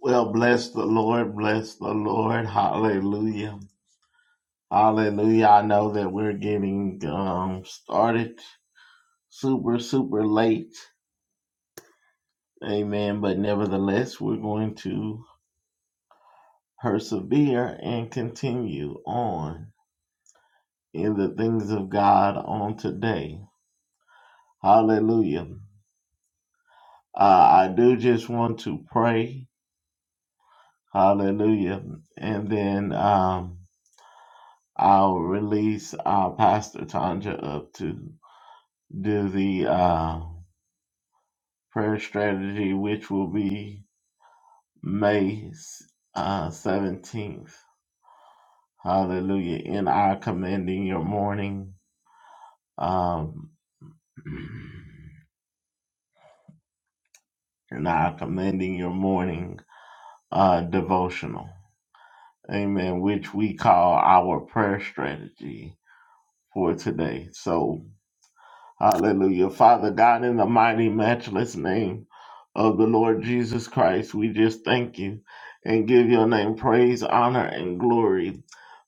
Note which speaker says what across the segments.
Speaker 1: Well, bless the Lord, bless the Lord. Hallelujah. Hallelujah. I know that we're getting um, started super, super late. Amen. But nevertheless, we're going to persevere and continue on in the things of God on today. Hallelujah. Uh, I do just want to pray. Hallelujah. And then um, I'll release our Pastor Tanja up to do the uh, prayer strategy, which will be May uh, 17th. Hallelujah. In our commending your morning. Um, and I commending your morning uh, devotional. Amen. Which we call our prayer strategy for today. So Hallelujah. Father God, in the mighty, matchless name of the Lord Jesus Christ, we just thank you and give your name praise, honor, and glory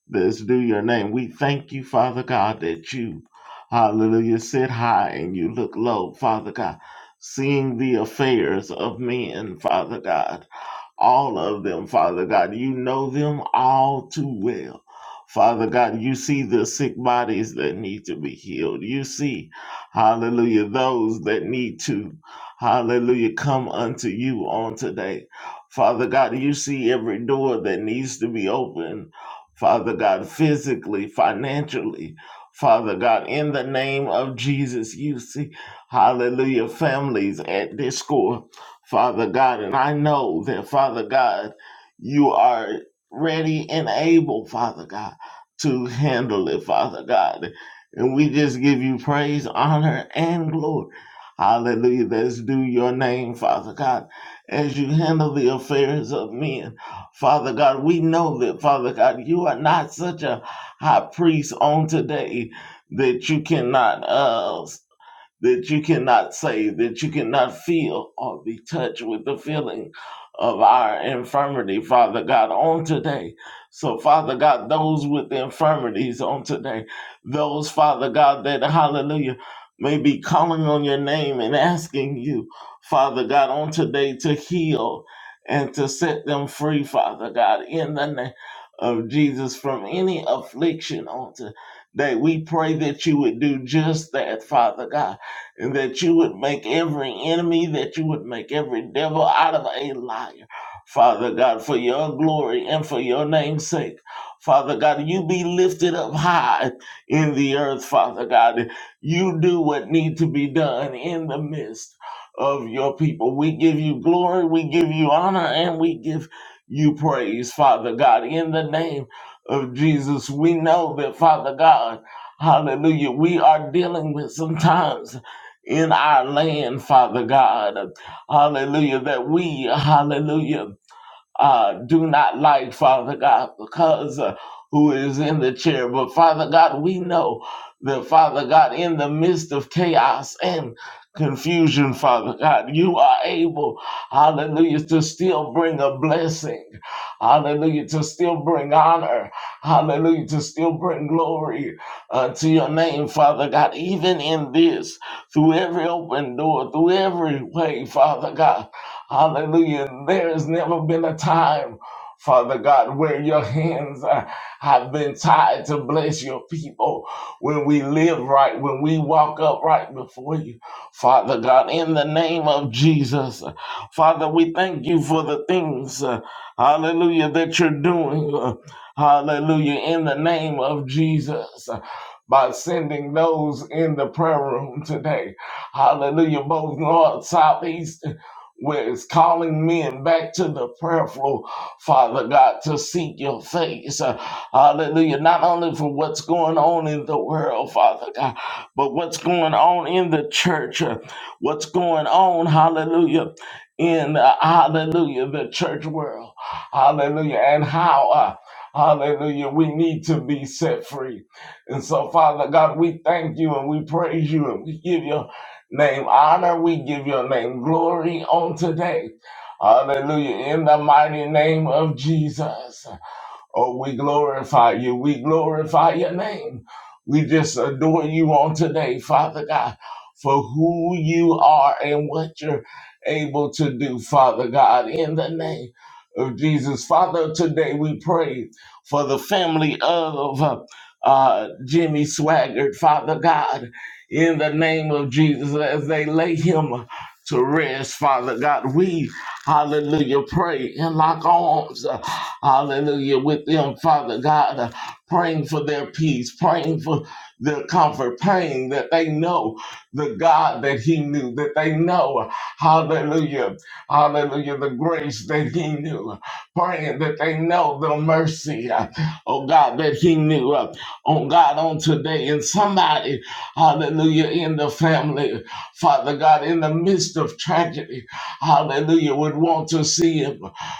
Speaker 1: that's due your name. We thank you, Father God, that you, hallelujah, sit high and you look low, Father God, seeing the affairs of men, Father God all of them, Father God. You know them all too well. Father God, you see the sick bodies that need to be healed. You see, hallelujah, those that need to, hallelujah, come unto you on today. Father God, you see every door that needs to be opened. Father God, physically, financially. Father God, in the name of Jesus, you see, hallelujah, families at discord. Father God. And I know that, Father God, you are ready and able, Father God, to handle it, Father God. And we just give you praise, honor, and glory. Hallelujah. That's due your name, Father God, as you handle the affairs of men. Father God, we know that, Father God, you are not such a high priest on today that you cannot uh, that you cannot say, that you cannot feel or be touched with the feeling of our infirmity, Father God, on today. So, Father God, those with infirmities on today, those, Father God, that, hallelujah, may be calling on your name and asking you, Father God, on today to heal and to set them free, Father God, in the name of Jesus from any affliction on today. We pray that you would do just that, Father God and that you would make every enemy, that you would make every devil out of a liar. Father God, for your glory and for your name's sake. Father God, you be lifted up high in the earth, Father God. You do what need to be done in the midst of your people. We give you glory, we give you honor, and we give you praise, Father God. In the name of Jesus, we know that, Father God, hallelujah, we are dealing with sometimes in our land, Father God. Hallelujah. That we, hallelujah, uh, do not like, Father God, because uh, who is in the chair. But Father God, we know that, Father God, in the midst of chaos and confusion, Father God, you are able, hallelujah, to still bring a blessing, hallelujah, to still bring honor, hallelujah, to still bring glory uh, to your name, Father God, even in this, through every open door, through every way, Father God. Hallelujah. There has never been a time, Father God, where your hands uh, have been tied to bless your people when we live right, when we walk up right before you. Father God, in the name of Jesus, Father, we thank you for the things, uh, hallelujah, that you're doing. uh, hallelujah, in the name of Jesus. uh, By sending those in the prayer room today. Hallelujah. Both north, south, east, where it's calling men back to the prayer floor, Father God, to seek your face. Uh, hallelujah. Not only for what's going on in the world, Father God, but what's going on in the church, uh, what's going on, hallelujah, in, uh, hallelujah, the church world. Hallelujah. And how, uh, hallelujah, we need to be set free. And so, Father God, we thank you and we praise you and we give you name honor. We give your name glory on today. Hallelujah. In the mighty name of Jesus. Oh, we glorify you. We glorify your name. We just adore you on today, Father God, for who you are and what you're able to do, Father God, in the name of Jesus. Father, today we pray for the family of uh, uh, Jimmy Swaggart, Father God, in the name of Jesus, as they lay him to rest, Father God. We, hallelujah, pray and lock arms. Hallelujah. With them, Father God, uh, praying for their peace, praying for their comfort, praying that they know the God that He knew, that they know, hallelujah, hallelujah, the grace that He knew, praying that they know the mercy, uh, oh God, that He knew, uh, on God, on today. And somebody, hallelujah, in the family, Father God, in the midst of tragedy, hallelujah, would want to see Him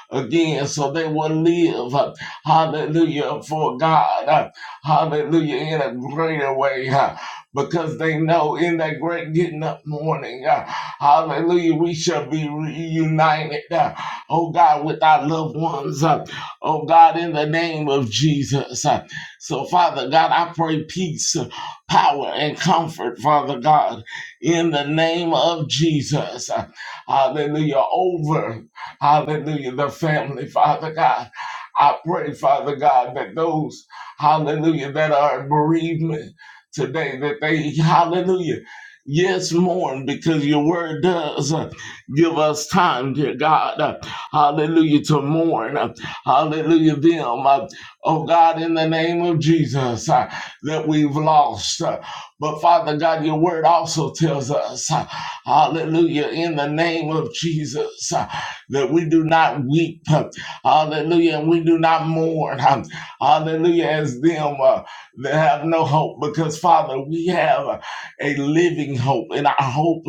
Speaker 1: again so they will live, uh, hallelujah, for God, uh, hallelujah, in a greater way. uh, because they know in that great getting up morning, uh, hallelujah, we shall be reunited, uh, oh God, with our loved ones, uh, oh God, in the name of Jesus. uh. so, Father God, I pray peace, uh, power, and comfort, Father God, in the name of Jesus. uh, hallelujah, over. Hallelujah. The family, Father God. I pray, Father God, that those, hallelujah, that are in bereavement today, that they, hallelujah, yes, mourn because your word does uh, give us time, dear God, uh, hallelujah, to mourn, uh, hallelujah, them, uh, oh God, in the name of Jesus, uh, that we've lost. uh, but Father God, your word also tells us, uh, hallelujah, in the name of Jesus. uh, that we do not weep, hallelujah, and we do not mourn, hallelujah, as them uh, that have no hope, because Father, we have a living hope, and our hope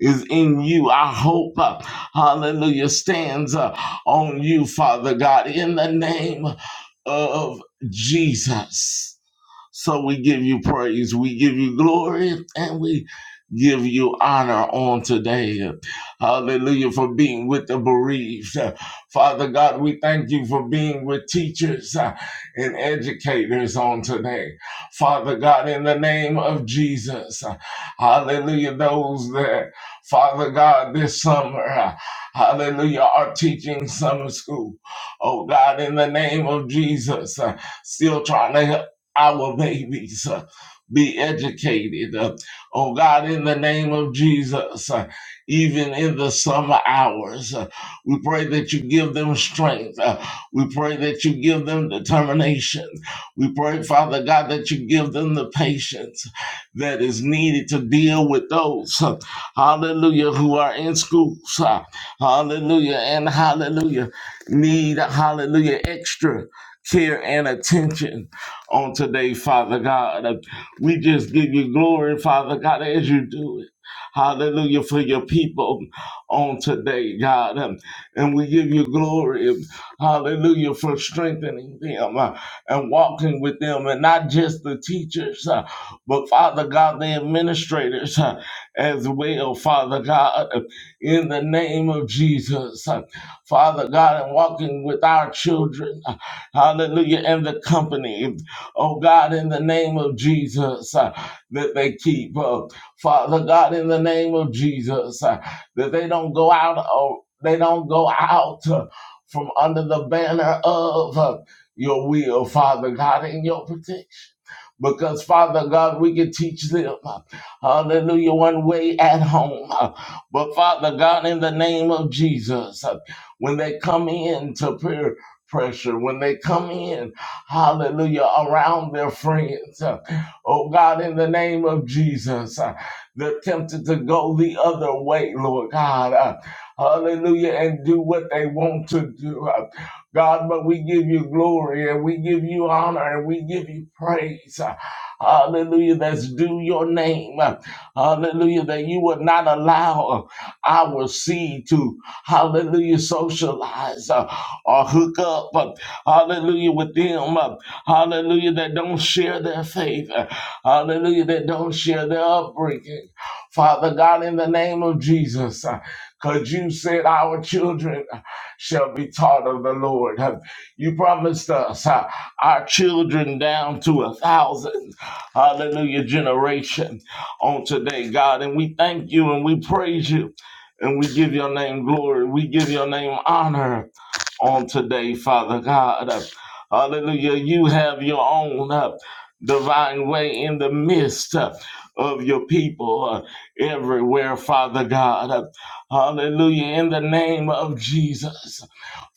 Speaker 1: is in you. Our hope, uh, hallelujah, stands uh, on you, Father God, in the name of Jesus. So we give you praise, we give you glory, and we give you honor on today. Hallelujah for being with the bereaved. Father God, we thank you for being with teachers uh, and educators on today. Father God, in the name of Jesus, uh, hallelujah, those that, Father God, this summer, uh, hallelujah, are teaching summer school. Oh God, in the name of Jesus, uh, still trying to help our babies uh, be educated. Uh, oh God, in the name of Jesus, uh, even in the summer hours, uh, we pray that you give them strength. Uh, we pray that you give them determination. We pray, Father God, that you give them the patience that is needed to deal with those, uh, hallelujah, who are in schools, uh, hallelujah, and hallelujah, need, hallelujah, extra care and attention on today, Father God. Uh, We just give you glory, Father God, as you do it. Hallelujah for your people on today, God. Um, And we give you glory. um, Hallelujah for strengthening them uh, and walking with them, and not just the teachers, uh, but Father God, the administrators uh, as well, Father God, uh, in the name of Jesus. Uh, Father God, and walking with our children. uh, Hallelujah. And the company oh God, in the name of Jesus, uh, that they keep. Uh, Father God, in the name of Jesus, uh, that they don't go out, oh, they don't go out uh, from under the banner of uh, your will, Father God, in your protection because Father God, we can teach them, hallelujah, one way at home. But Father God, in the name of Jesus, when they come in to peer pressure, when they come in, hallelujah, around their friends, Uh, oh God, in the name of Jesus, uh, they're tempted to go the other way, Lord God. Uh, Hallelujah, and do what they want to do. Uh, God, but we give you glory and we give you honor and we give you praise. Hallelujah, that's due your name. Hallelujah, that you would not allow our seed to, hallelujah, socialize uh, or hook up, uh, hallelujah, with them, uh, hallelujah, that don't share their faith, uh, hallelujah, that don't share their upbringing. Father God, in the name of Jesus, uh, because you said our children shall be taught of the Lord. You promised us uh, our children down to a thousand, hallelujah, generation on today, God. And we thank you and we praise you and we give your name glory. We give your name honor on today, Father God. Uh, Hallelujah. You have your own uh, divine way in the midst uh, of your people uh, everywhere, Father God. Uh, Hallelujah. In the name of Jesus.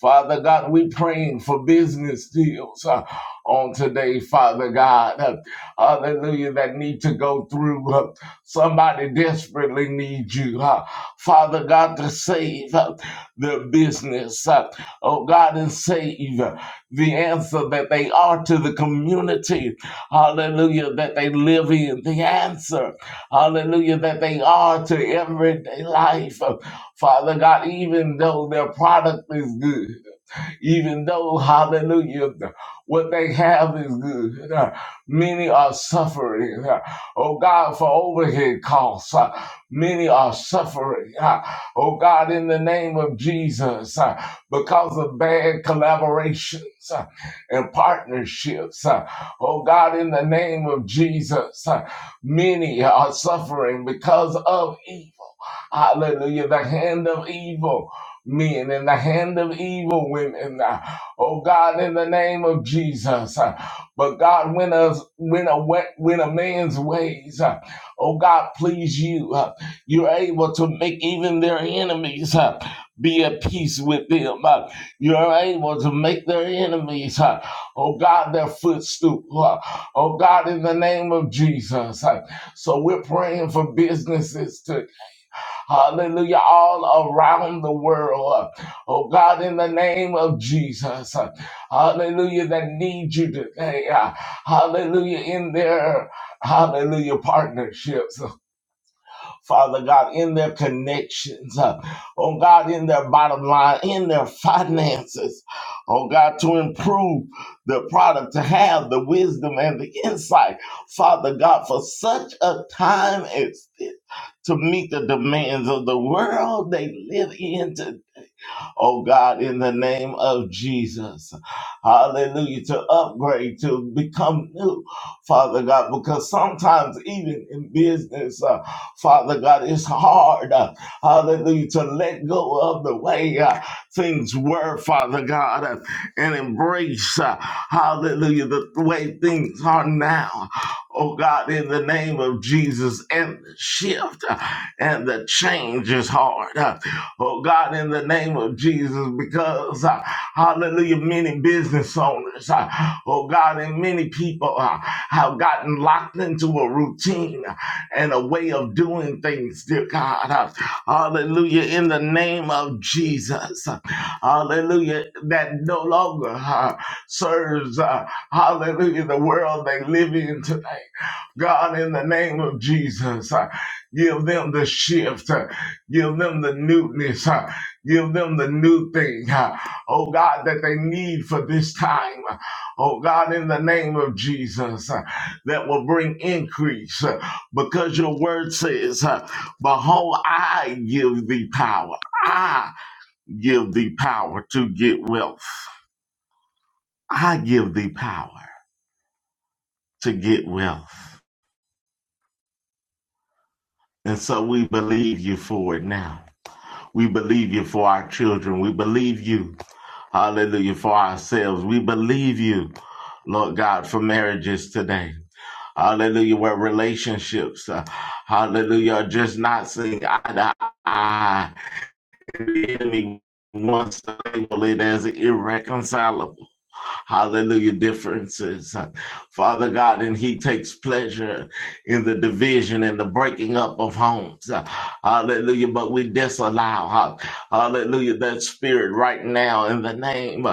Speaker 1: Father God, we praying for business deals uh, on today, Father God. Uh, hallelujah, that need to go through. Uh, somebody desperately needs you, uh, Father God, to save uh, their business. Uh, oh God, and save the answer that they are to the community, hallelujah, that they live in, the answer, hallelujah, that they are to everyday life. Father God, even though their product is good even though, hallelujah, what they have is good. Uh, Many are suffering, uh, oh God, for overhead costs. Uh, Many are suffering, uh, oh God, in the name of Jesus, uh, because of bad collaborations uh, and partnerships. uh, Oh God, in the name of Jesus, uh, many are suffering because of it. Hallelujah. The hand of evil men and the hand of evil women. uh, Oh God, in the name of Jesus. uh, But God, when a, when a, wa- when a man's ways, uh, oh God, please you, uh, you're able to make even their enemies uh, be at peace with them. uh, You're able to make their enemies, uh, oh God, their footstool. uh, Oh God, in the name of Jesus. uh, So we're praying for businesses Hallelujah, all around the world. Oh God, in the name of Jesus. Hallelujah, that need you today. Hallelujah, in their hallelujah partnerships. Father God, in their connections. Oh God, in their bottom line, in their finances. Oh God, to improve the product, to have the wisdom and the insight. Father God, for such a time as this to meet the demands of the world they live in today oh God, in the name of Jesus. Hallelujah. To upgrade, to become new, Father God, because sometimes even in business, uh, Father God, it's hard, uh, hallelujah, to let go of the way uh, things were, Father God, uh, and embrace, uh, hallelujah, the way things are now. Oh God, in the name of Jesus, and the shift uh, and the change is hard. uh, oh God, in the name of Jesus, because uh, hallelujah, many business owners, uh, oh God, and many people uh, have gotten locked into a routine and a way of doing things, dear God. Uh, hallelujah, in the name of Jesus, uh, hallelujah, that no longer uh, serves, uh, hallelujah, the world they live in today. God, in the name of Jesus, uh, give them the shift, uh, give them the newness, uh, give them the new thing, uh, oh God, that they need for this time. uh, Oh God, in the name of Jesus, uh, that will bring increase uh, because your word says, uh, Behold, I give thee power. I give thee power to get wealth. I give thee power to get wealth. And so we believe you for it now. We believe you for our children. We believe you, hallelujah, for ourselves. We believe you, Lord God, for marriages today. Hallelujah, where relationships, uh, hallelujah, are just not seeing eye to eye the enemy wants to label it as irreconcilable. Hallelujah, differences. Father God, and He takes pleasure in the division and the breaking up of homes. Hallelujah, but we disallow, hallelujah, that spirit right now in the name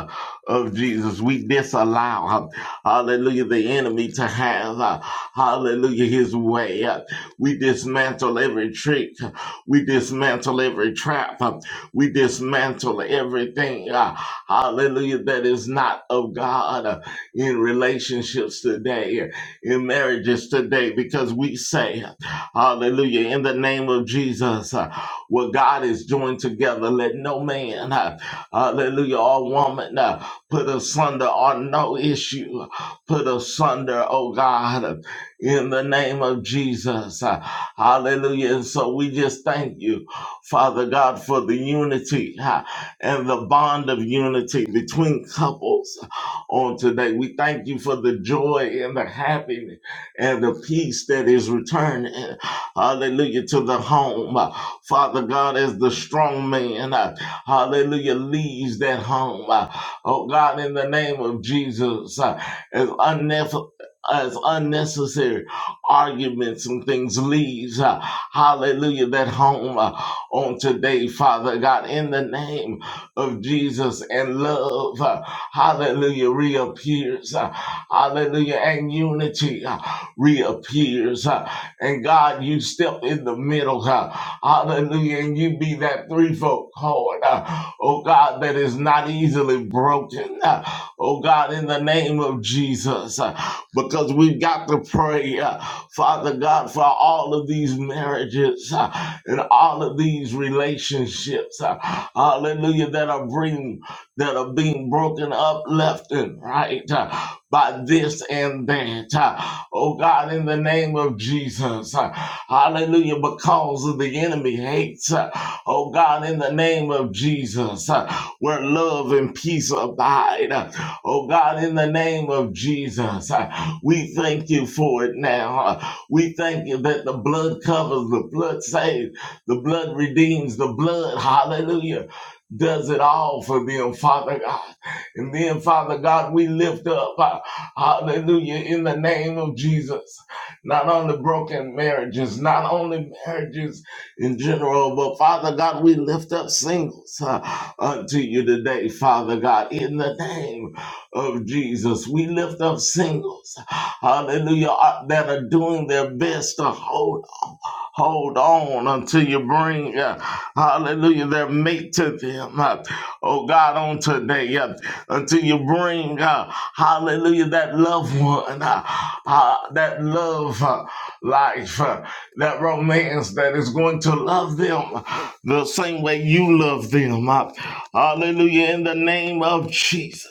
Speaker 1: of Jesus. We disallow, hallelujah, the enemy to have, hallelujah, his way. We dismantle every trick, we dismantle every trap. We dismantle everything, uh, hallelujah, that is not of God uh, in relationships today, uh, in marriages today, because we say, hallelujah, in the name of Jesus, uh, what God is joined together, let no man, uh, hallelujah, or woman uh, put asunder on no issue, uh, put asunder, oh God, uh, in the name of Jesus. Uh, Hallelujah. And so we just thank you. Father God, for the unity ha, and the bond of unity between couples on today. We thank you for the joy and the happiness and the peace that is returning. Hallelujah to the home. Father God, as the strong man, uh, hallelujah, leaves that home. Uh, Oh God, in the name of Jesus, uh, as unnecessary. As unnecessary arguments and things leaves, uh, hallelujah, that home. Uh, on today, Father God, in the name of Jesus and love. uh, Hallelujah reappears. uh, Hallelujah. And unity uh, reappears. uh, And God, you step in the middle. uh, Hallelujah. And you be that threefold cord. uh, Oh God, that is not easily broken. uh, Oh God, in the name of Jesus, uh, because we've got to pray. uh, Father God, for all of these marriages uh, and all of these relationships, uh, hallelujah, that are bring, that are being broken up left and right uh, by this and that. uh, oh God, in the name of Jesus, uh, hallelujah, because of the enemy hates, uh, oh God, in the name of Jesus, uh, where love and peace abide. uh, Oh God, in the name of Jesus, uh, we thank you for it now. We thank you that the blood covers, the blood saves, the blood redeems, the blood, hallelujah, does it all for them, Father God. And then, Father God, we lift up, uh, hallelujah, in the name of Jesus, not only broken marriages, not only marriages in general, but Father God, we lift up singles uh, unto you today, Father God, in the name of Jesus. We lift up singles, hallelujah, uh, that are doing their best to hold on, hold on until you bring, uh, hallelujah, their mate to them. uh, oh God, on today, uh, until you bring, uh, hallelujah, that loved one, uh, uh, that love uh, life, uh, that romance that is going to love them the same way you love them. uh, hallelujah, in the name of Jesus.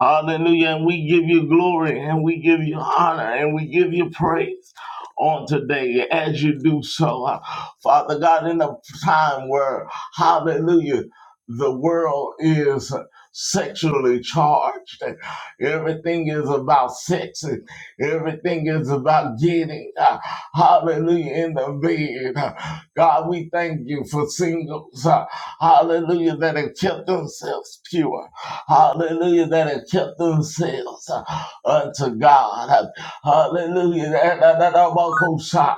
Speaker 1: Hallelujah. And we give you glory and we give you honor and we give you praise on today as you do so. Uh, Father God, in a time where, hallelujah, the world is sexually charged and everything is about sex and everything is about getting, uh, hallelujah, in the bed. God, we thank you for singles, uh, hallelujah, that have kept themselves pure, hallelujah, that have kept themselves uh, unto God, hallelujah, that, that, that, that, that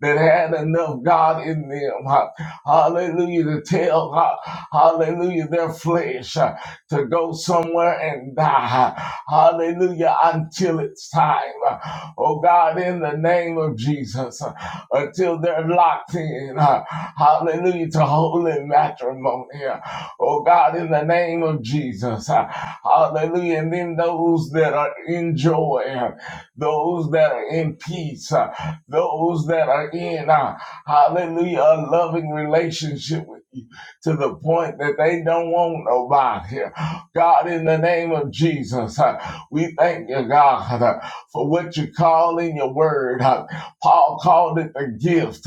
Speaker 1: that had enough God in them, uh, hallelujah, to tell, uh, hallelujah, their flesh uh, to go somewhere and die, hallelujah, until it's time. Uh, Oh God, in the name of Jesus. uh, until they're locked in. uh, Hallelujah to holy matrimony. uh, Oh God, in the name of Jesus. uh, Hallelujah. And then those that are in joy, uh, those that are in peace, uh, those that are in, uh, hallelujah, a loving relationship with you to the point that they don't want nobody. Uh, God, in the name of Jesus, uh, we thank you, God, uh, for what you call in your word. Uh, Paul called it the gift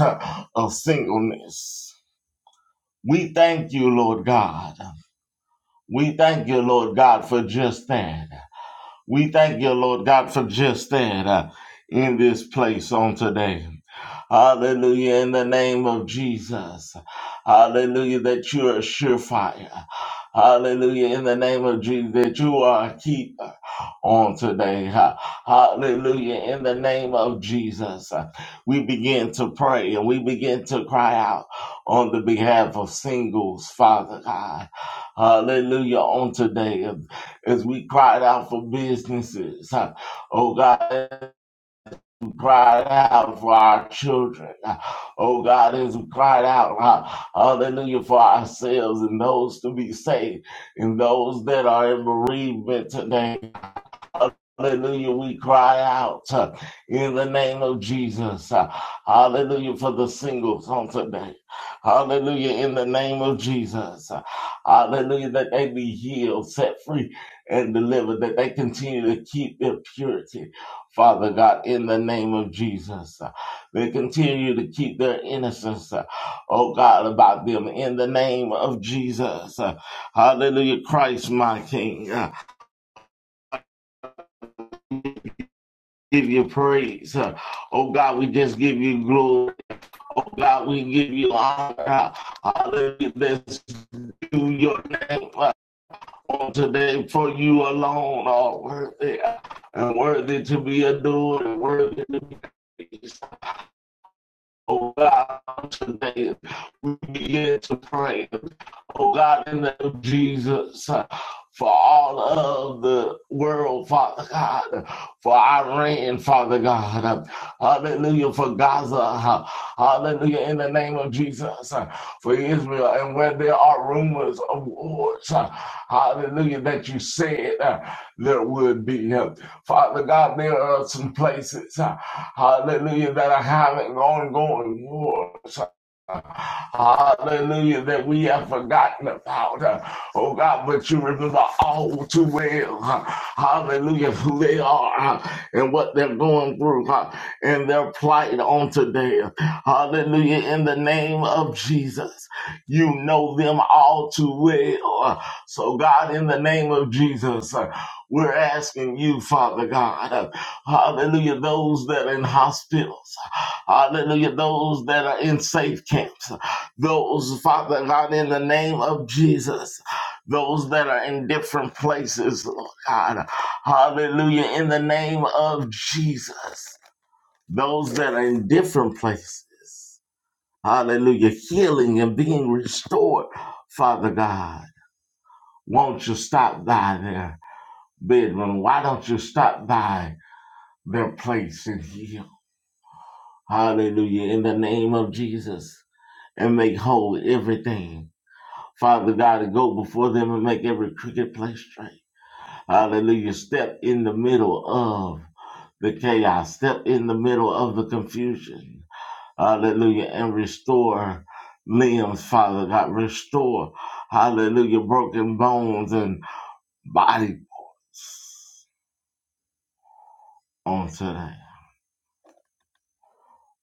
Speaker 1: of singleness. We thank you, Lord God. We thank you, Lord God, for just that. We thank you, Lord God, for just that uh, in this place on today. Hallelujah. In the name of Jesus. Hallelujah. That you are a surefire. Hallelujah. In the name of Jesus. That you are a keeper on today. Ha- Hallelujah. In the name of Jesus. We begin to pray and we begin to cry out on the behalf of singles, Father God. Hallelujah. On today. As we cried out for businesses. ha- Oh God cried out for our children. Oh God, as we cried out, uh, hallelujah, for ourselves and those to be saved and those that are in bereavement today. Hallelujah. We cry out uh, in the name of Jesus. Uh, Hallelujah for the singles on today. Hallelujah in the name of Jesus. Uh, Hallelujah that they be healed, set free, and delivered, that they continue to keep their purity. Father God, in the name of Jesus, Uh, they continue to keep their innocence, uh, oh God, about them in the name of Jesus. Uh, Hallelujah, Christ, my King. Uh, give you praise. Uh, Oh God, we just give you glory. Oh God, we give you honor. Hallelujah. Let's do your name uh, on today for you alone are worthy uh, and worthy to be adored and worthy to be praised. Oh God, today we begin to pray. Oh God, in the name of Jesus, uh, for all of the world, Father God, for Iran, Father God, uh, hallelujah, for Gaza, uh, hallelujah, in the name of Jesus, uh, for Israel, and where there are rumors of wars, uh, hallelujah, that you said uh, there would be. uh, Father God, there are some places, uh, hallelujah, that are having ongoing wars, Hallelujah, that we have forgotten about. Uh, Oh God, but you remember all too well. uh, Hallelujah, who they are uh, and what they're going through uh, and their plight on today. uh, Hallelujah, in the name of Jesus. You know them all too well. Uh, So, God, in the name of Jesus, uh, we're asking you, Father God, uh, hallelujah, those that are in hospitals. Hallelujah. Those that are in safe camps, those, Father God, in the name of Jesus, those that are in different places, Lord God. Hallelujah. In the name of Jesus, those that are in different places. Hallelujah. Healing and being restored, Father God. Won't you stop by their bedroom? Why don't you stop by their place and heal? Hallelujah. In the name of Jesus. and make whole everything. Father God, to go before them and make every crooked place straight. Hallelujah. Step in the middle of the chaos, step in the middle of the confusion. Hallelujah. And restore limbs, Father God. Restore, hallelujah, broken bones and bodies on today.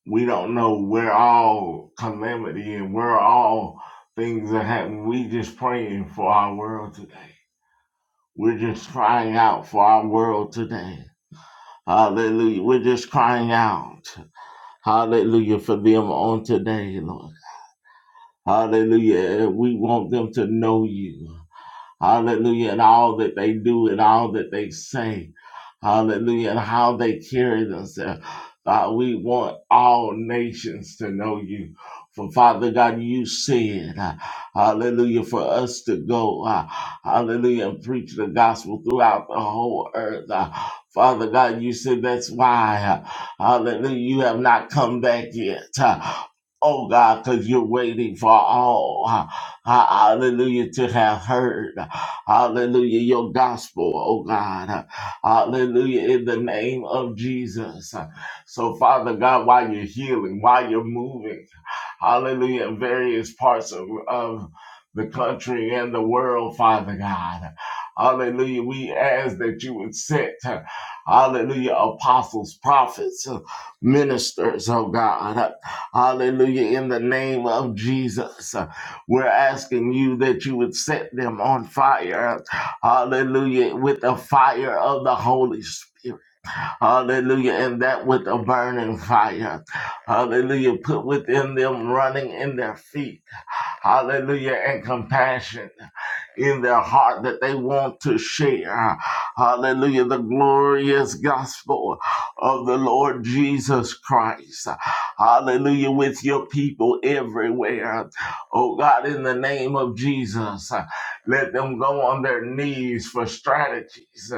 Speaker 1: We don't know where all calamity and where all things are happening. We just praying for our world today. We're just crying out for our world today. Hallelujah. We're just crying out. Hallelujah for them on today, Lord. Hallelujah. We want them to know you. Hallelujah. And all that they do and all that they say. Hallelujah. And how they carry themselves. God, we want all nations to know you. For Father God, you said, uh, hallelujah, for us to go, uh, hallelujah, and preach the gospel throughout the whole earth. Uh, Father God, you said that's why, uh, hallelujah, you have not come back yet. Uh, oh God, because you're waiting for all. Ah, hallelujah, to have heard, hallelujah, your gospel, oh God, hallelujah, in the name of Jesus. So, Father God, while you're healing, while you're moving, hallelujah, in various parts of, of the country and the world, Father God. Hallelujah. We ask that you would set, hallelujah, apostles, prophets, ministers, oh God. Hallelujah. In the name of Jesus, we're asking you that you would set them on fire. Hallelujah. With the fire of the Holy Spirit. Hallelujah. And that with a burning fire. Hallelujah. Put within them running in their feet. Hallelujah. And compassion in their heart that they want to share. Hallelujah. The glorious gospel of the Lord Jesus Christ. Hallelujah. With your people everywhere. Oh God, in the name of Jesus, let them go on their knees for strategies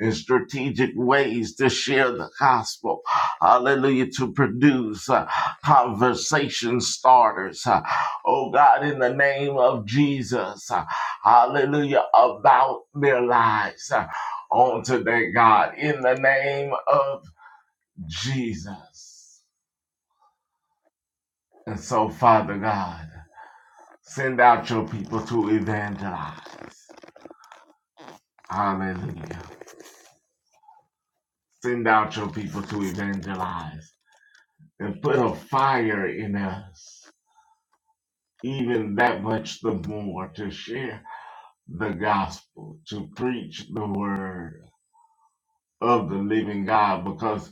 Speaker 1: and strategic ways to share the gospel. Hallelujah. To produce uh, conversation starters. Uh, Oh God, in the name of Jesus. uh, hallelujah, about their lives uh, on today, God, in the name of Jesus. And so, Father God, send out your people to evangelize. Hallelujah. Send out your people to evangelize and put a fire in us, even that much the more, to share the gospel, to preach the word of the living God, because.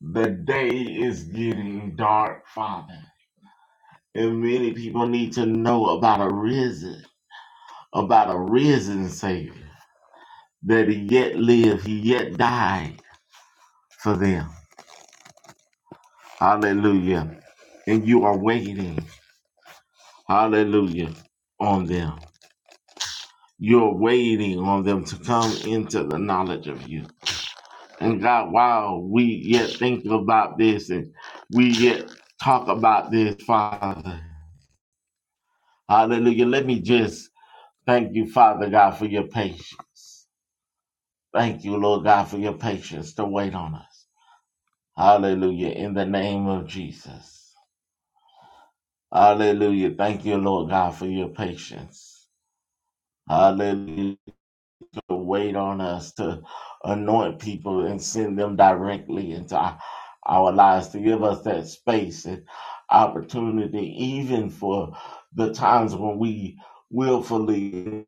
Speaker 1: The day is getting dark, Father. And many people need to know about a risen, about a risen Savior. That he yet lived, he yet died for them. Hallelujah. And you are waiting, hallelujah, on them. You're waiting on them to come into the knowledge of you. And God, while we yet think about this and we yet talk about this, Father, hallelujah, let me just Thank you, Father God, for your patience. Thank you, Lord God, for your patience to wait on us. Hallelujah. In the name of Jesus. Hallelujah. Thank you, Lord God, for your patience. Hallelujah. To wait on us to anoint people and send them directly into our, our lives to give us that space and opportunity, even for the times when we willfully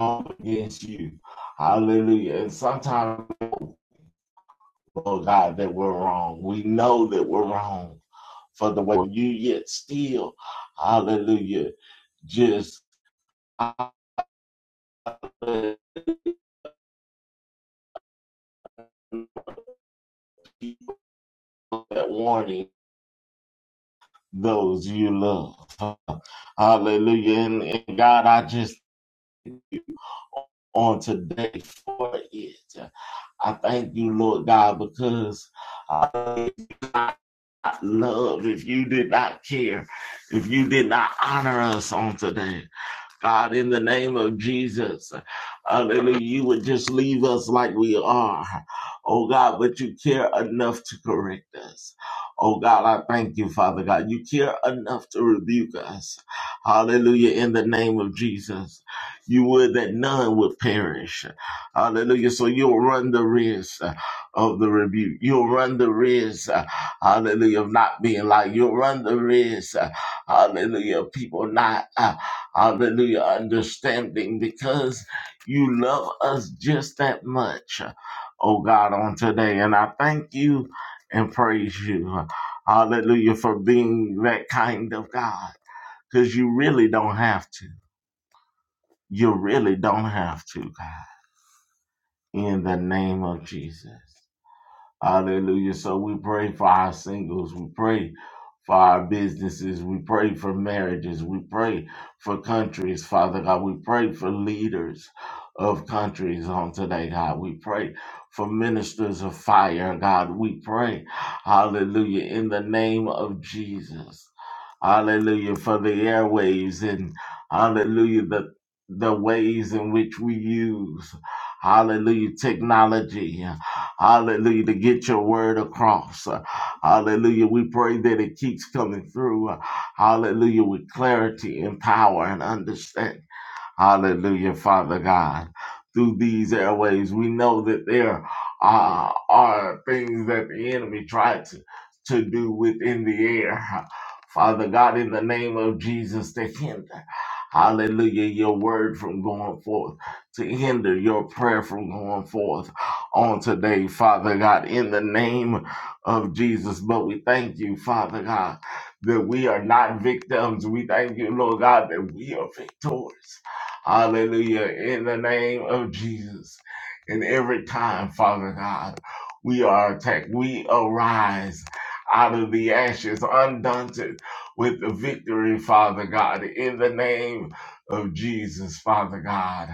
Speaker 1: go against you. Hallelujah. And sometimes oh God, that we're wrong. We know that we're wrong for the way you yet still, hallelujah, just hallelujah, that warning those you love. Hallelujah. And, and God, I just on today for it. I thank you, Lord God, because I did not love if you did not care, if you did not honor us on today. God, in the name of Jesus, hallelujah, you would just leave us like we are. Oh God, but you care enough to correct us. Oh God, I thank you, Father God. You care enough to rebuke us. Hallelujah, in the name of Jesus. You would that none would perish. Hallelujah. So you'll run the risk uh, of the rebuke. You'll run the risk, uh, hallelujah, of not being like. You'll run the risk, uh, hallelujah, of people not. uh, Hallelujah. Understanding because you love us just that much. Oh God, on today. And I thank you and praise you. Hallelujah for being that kind of God. Because you really don't have to. You really don't have to, God. In the name of Jesus. Hallelujah. So we pray for our singles. We pray for our businesses. We pray for marriages. We pray for countries, Father God. We pray for leaders of countries on today, God. We pray for ministers of fire, God. We pray, hallelujah, in the name of Jesus. Hallelujah for the airwaves and hallelujah the the ways in which we use hallelujah technology Hallelujah. To get your word across. Uh, Hallelujah. We pray that it keeps coming through. Uh, Hallelujah. With clarity and power and understanding. Hallelujah, Father God. Through these airways, we know that there uh, are things that the enemy tried to, to do within the air. Father God, in the name of Jesus, to hinder, hallelujah, your word from going forth, to hinder your prayer from going forth on today, Father God, in the name of Jesus. But we thank you, Father God, that we are not victims. We thank you, Lord God, that we are victors. Hallelujah. In the name of Jesus. And every time, Father God, we are attacked, we arise out of the ashes, undaunted with the victory, Father God, in the name of Jesus, Father God.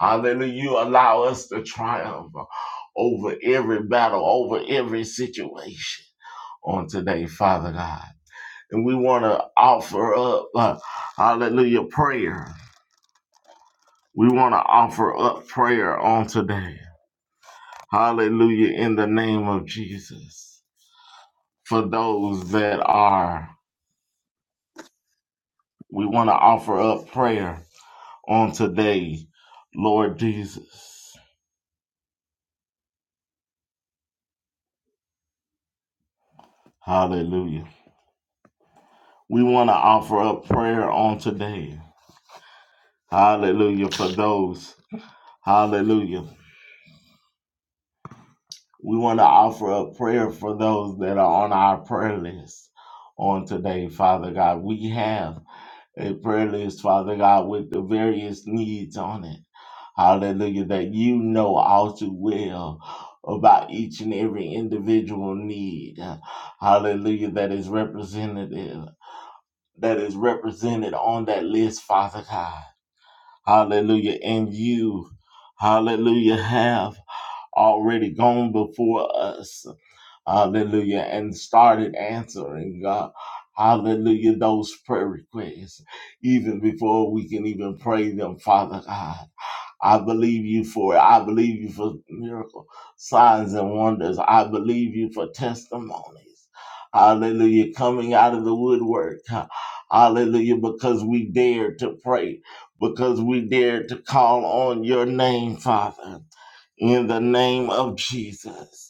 Speaker 1: Hallelujah. You allow us to triumph over every battle, over every situation on today, Father God. And we want to offer up, uh, hallelujah, prayer we want to offer up prayer on today. Hallelujah in the name of Jesus. For those that are, we want to offer up prayer on today, Lord Jesus. Hallelujah. We want to offer up prayer on today. Hallelujah for those. Hallelujah. We want to offer up prayer for those that are on our prayer list on today, Father God. We have a prayer list, Father God, with the various needs on it. Hallelujah, that you know all too well about each and every individual need. Hallelujah, that is representative, that is represented on that list, Father God. Hallelujah, and you, hallelujah, have already gone before us. Hallelujah. And started answering God. Hallelujah. Those prayer requests, even before we can even pray them, Father God. I believe you for it. I believe you for miracle signs and wonders. I believe you for testimonies. Hallelujah. Coming out of the woodwork. Hallelujah. Because we dare to pray, because we dare to call on your name, Father, in the name of Jesus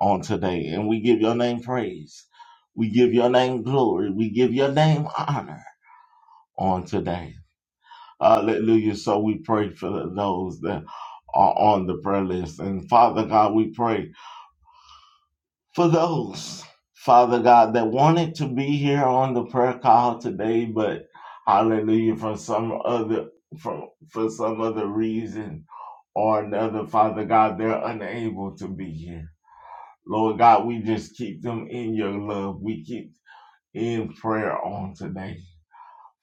Speaker 1: on today. And we give your name praise. We give your name glory. We give your name honor on today. Hallelujah. So we pray for those that are on the prayer list. And Father God, we pray for those, Father God, that wanted to be here on the prayer call today, but hallelujah, for some other for, for some other reason or another, Father God, they're unable to be here. Lord God, we just keep them in your love. We keep in prayer on today.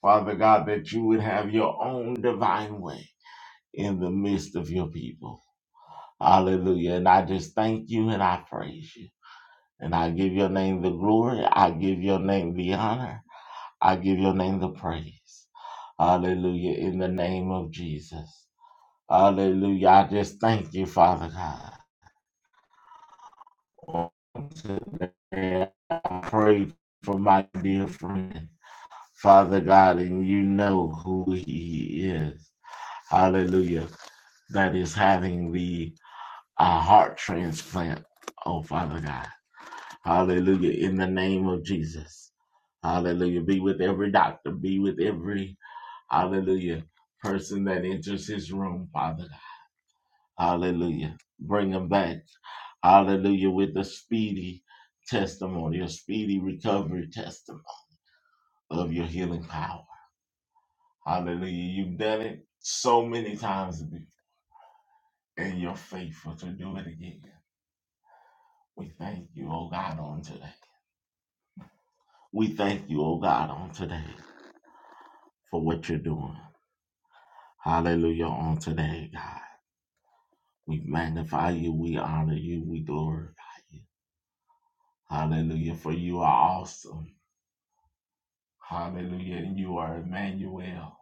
Speaker 1: Father God, that you would have your own divine way in the midst of your people. Hallelujah. And I just thank you and I praise you. And I give your name the glory. I give your name the honor. I give your name the praise. Hallelujah. In the name of Jesus. Hallelujah. I just thank you, Father God. I pray for my dear friend, Father God, and you know who he is. Hallelujah. That is having the uh, heart transplant. Oh, Father God. Hallelujah. In the name of Jesus. Hallelujah. Be with every doctor. Be with every, hallelujah, person that enters his room, Father Hallelujah. Bring them back. Hallelujah. With a speedy testimony, a speedy recovery testimony of your healing power. Hallelujah. You've done it so many times before, and you're faithful to do it again. We thank you, oh God, on today. We thank you, oh God, on today for what you're doing. Hallelujah. On today, God. We magnify you. We honor you. We glorify you. Hallelujah. For you are awesome. Hallelujah. And you are Emmanuel.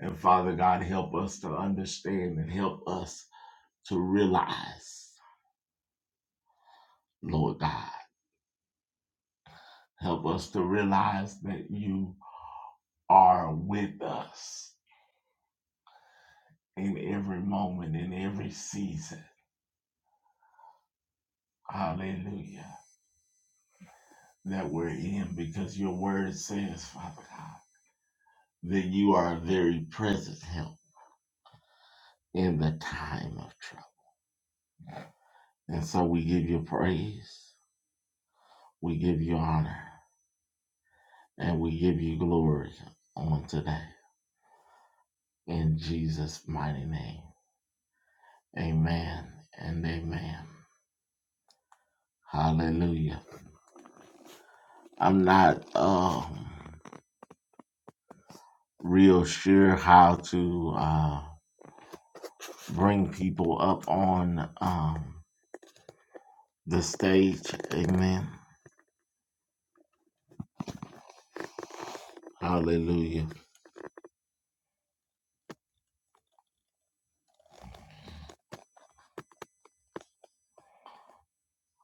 Speaker 1: And Father God, help us to understand and help us to realize, Lord God, help us to realize that you are with us in every moment, in every season. Hallelujah. That we're in because your word says, Father God, that you are a very present help in the time of trouble. And so we give you praise. We give you honor. And we give you glory on today. In Jesus' mighty name. Amen and amen. Hallelujah. I'm not um real sure how to uh bring people up on um the stage. Amen. Hallelujah.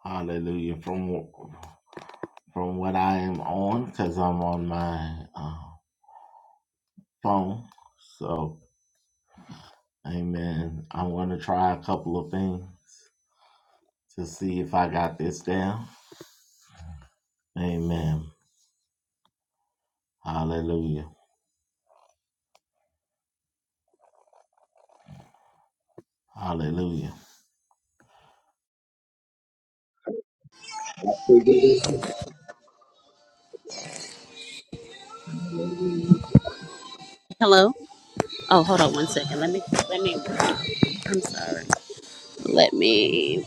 Speaker 1: Hallelujah. From from what I am on, because I'm on my uh, phone. So, amen. I'm going to try a couple of things. to see if I got this down. Amen. Hallelujah. Hallelujah.
Speaker 2: Hello? Oh, hold on one second. Let me let me I'm sorry. Let me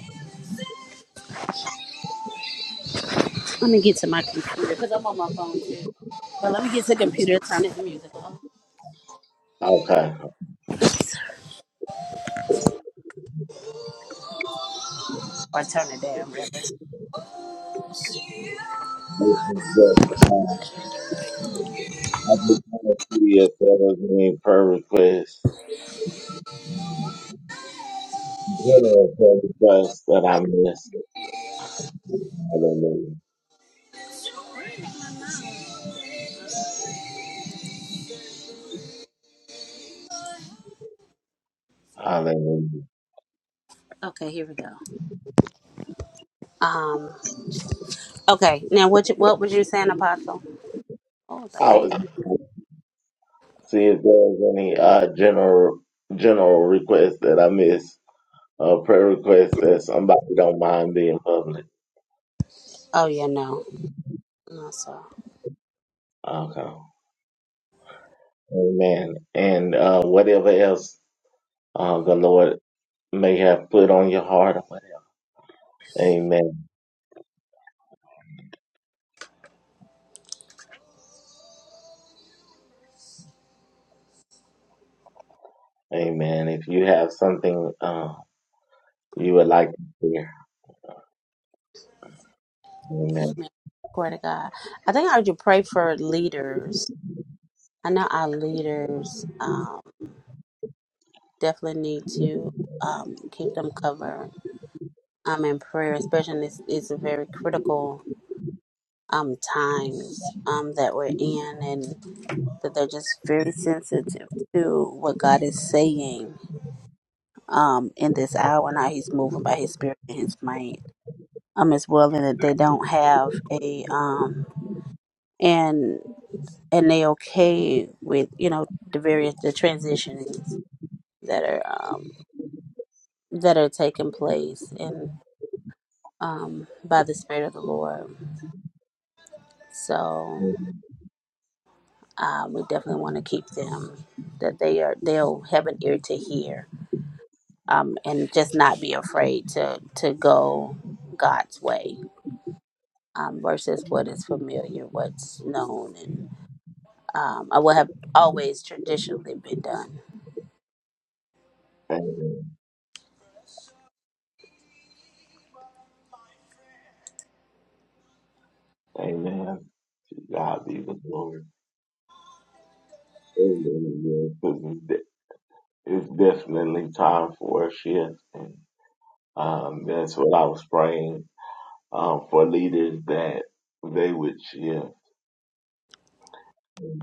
Speaker 2: let me get to my computer because I'm on my phone too. But let me get to the computer, turn the music on.
Speaker 1: Okay.
Speaker 2: Oops. Or turn it down rather.
Speaker 1: Uh, I just want to see if there was any prayer requests. What prayer requests that I missed? Hallelujah. Hallelujah.
Speaker 2: Okay, here we go. Um okay, now what you, what was you saying, Apostle? Oh the
Speaker 1: I
Speaker 2: pain.
Speaker 1: was just gonna see if there was any uh, general general requests that I missed. Uh, prayer requests that somebody don't mind being public.
Speaker 2: Oh yeah, no. No, sir.
Speaker 1: Okay. Amen. And uh, whatever else uh, the Lord may have put on your heart or whatever. Amen. Amen. If you have something uh, you would like to share. Amen.
Speaker 2: Amen. Glory to God. I think I would pray for leaders I know our leaders um, definitely need to um, keep them covered um, in prayer, especially in this it's a very critical um, times um, that we're in, and that they're just very sensitive to what God is saying um, in this hour and how He's moving by His Spirit and His might, um, as well, and that they don't have a um, and and they okay with you know the various the transitions that are um, that are taking place and um, by the Spirit of the Lord. So um, we definitely want to keep them that they are they'll have an ear to hear um, and just not be afraid to to go God's way um, versus what is familiar, what's known, and um, or what have always traditionally been done.
Speaker 1: Amen. Amen. To God be the glory. Amen. Yes, It's de- it's definitely time for a shift. And um, that's what I was praying um, for leaders that they would shift,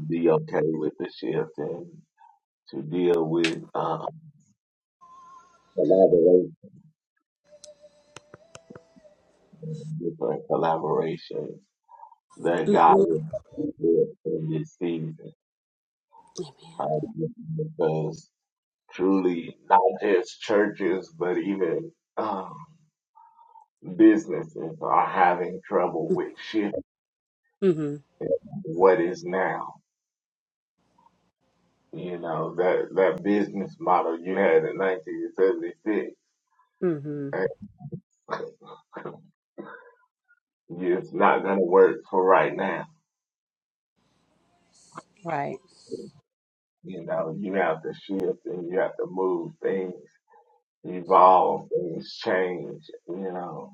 Speaker 1: be okay with the shift and to deal with uh, collaboration, different collaboration that God
Speaker 2: hmm
Speaker 1: will do it in this season. Hallelujah. Because truly, not just churches, but even um, businesses are having trouble with shifting
Speaker 2: Amen.
Speaker 1: what is now. You know, that, that business model you had in 1976,
Speaker 2: hmm hmm
Speaker 1: it's not going to work for right now.
Speaker 2: Right.
Speaker 1: You know, you have to shift and you have to move things, evolve, things change, you know.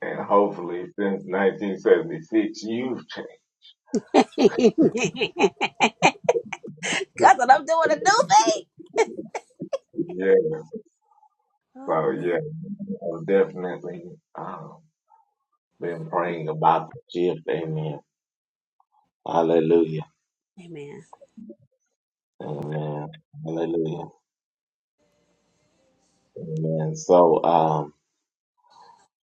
Speaker 1: And hopefully since 1976, you've changed.
Speaker 2: Because I'm doing a new thing.
Speaker 1: Yeah.
Speaker 2: Oh,
Speaker 1: So
Speaker 2: God.
Speaker 1: yeah, I've definitely um, been praying about the shift. Amen. Hallelujah.
Speaker 2: Amen.
Speaker 1: Amen. Hallelujah. Amen. So um,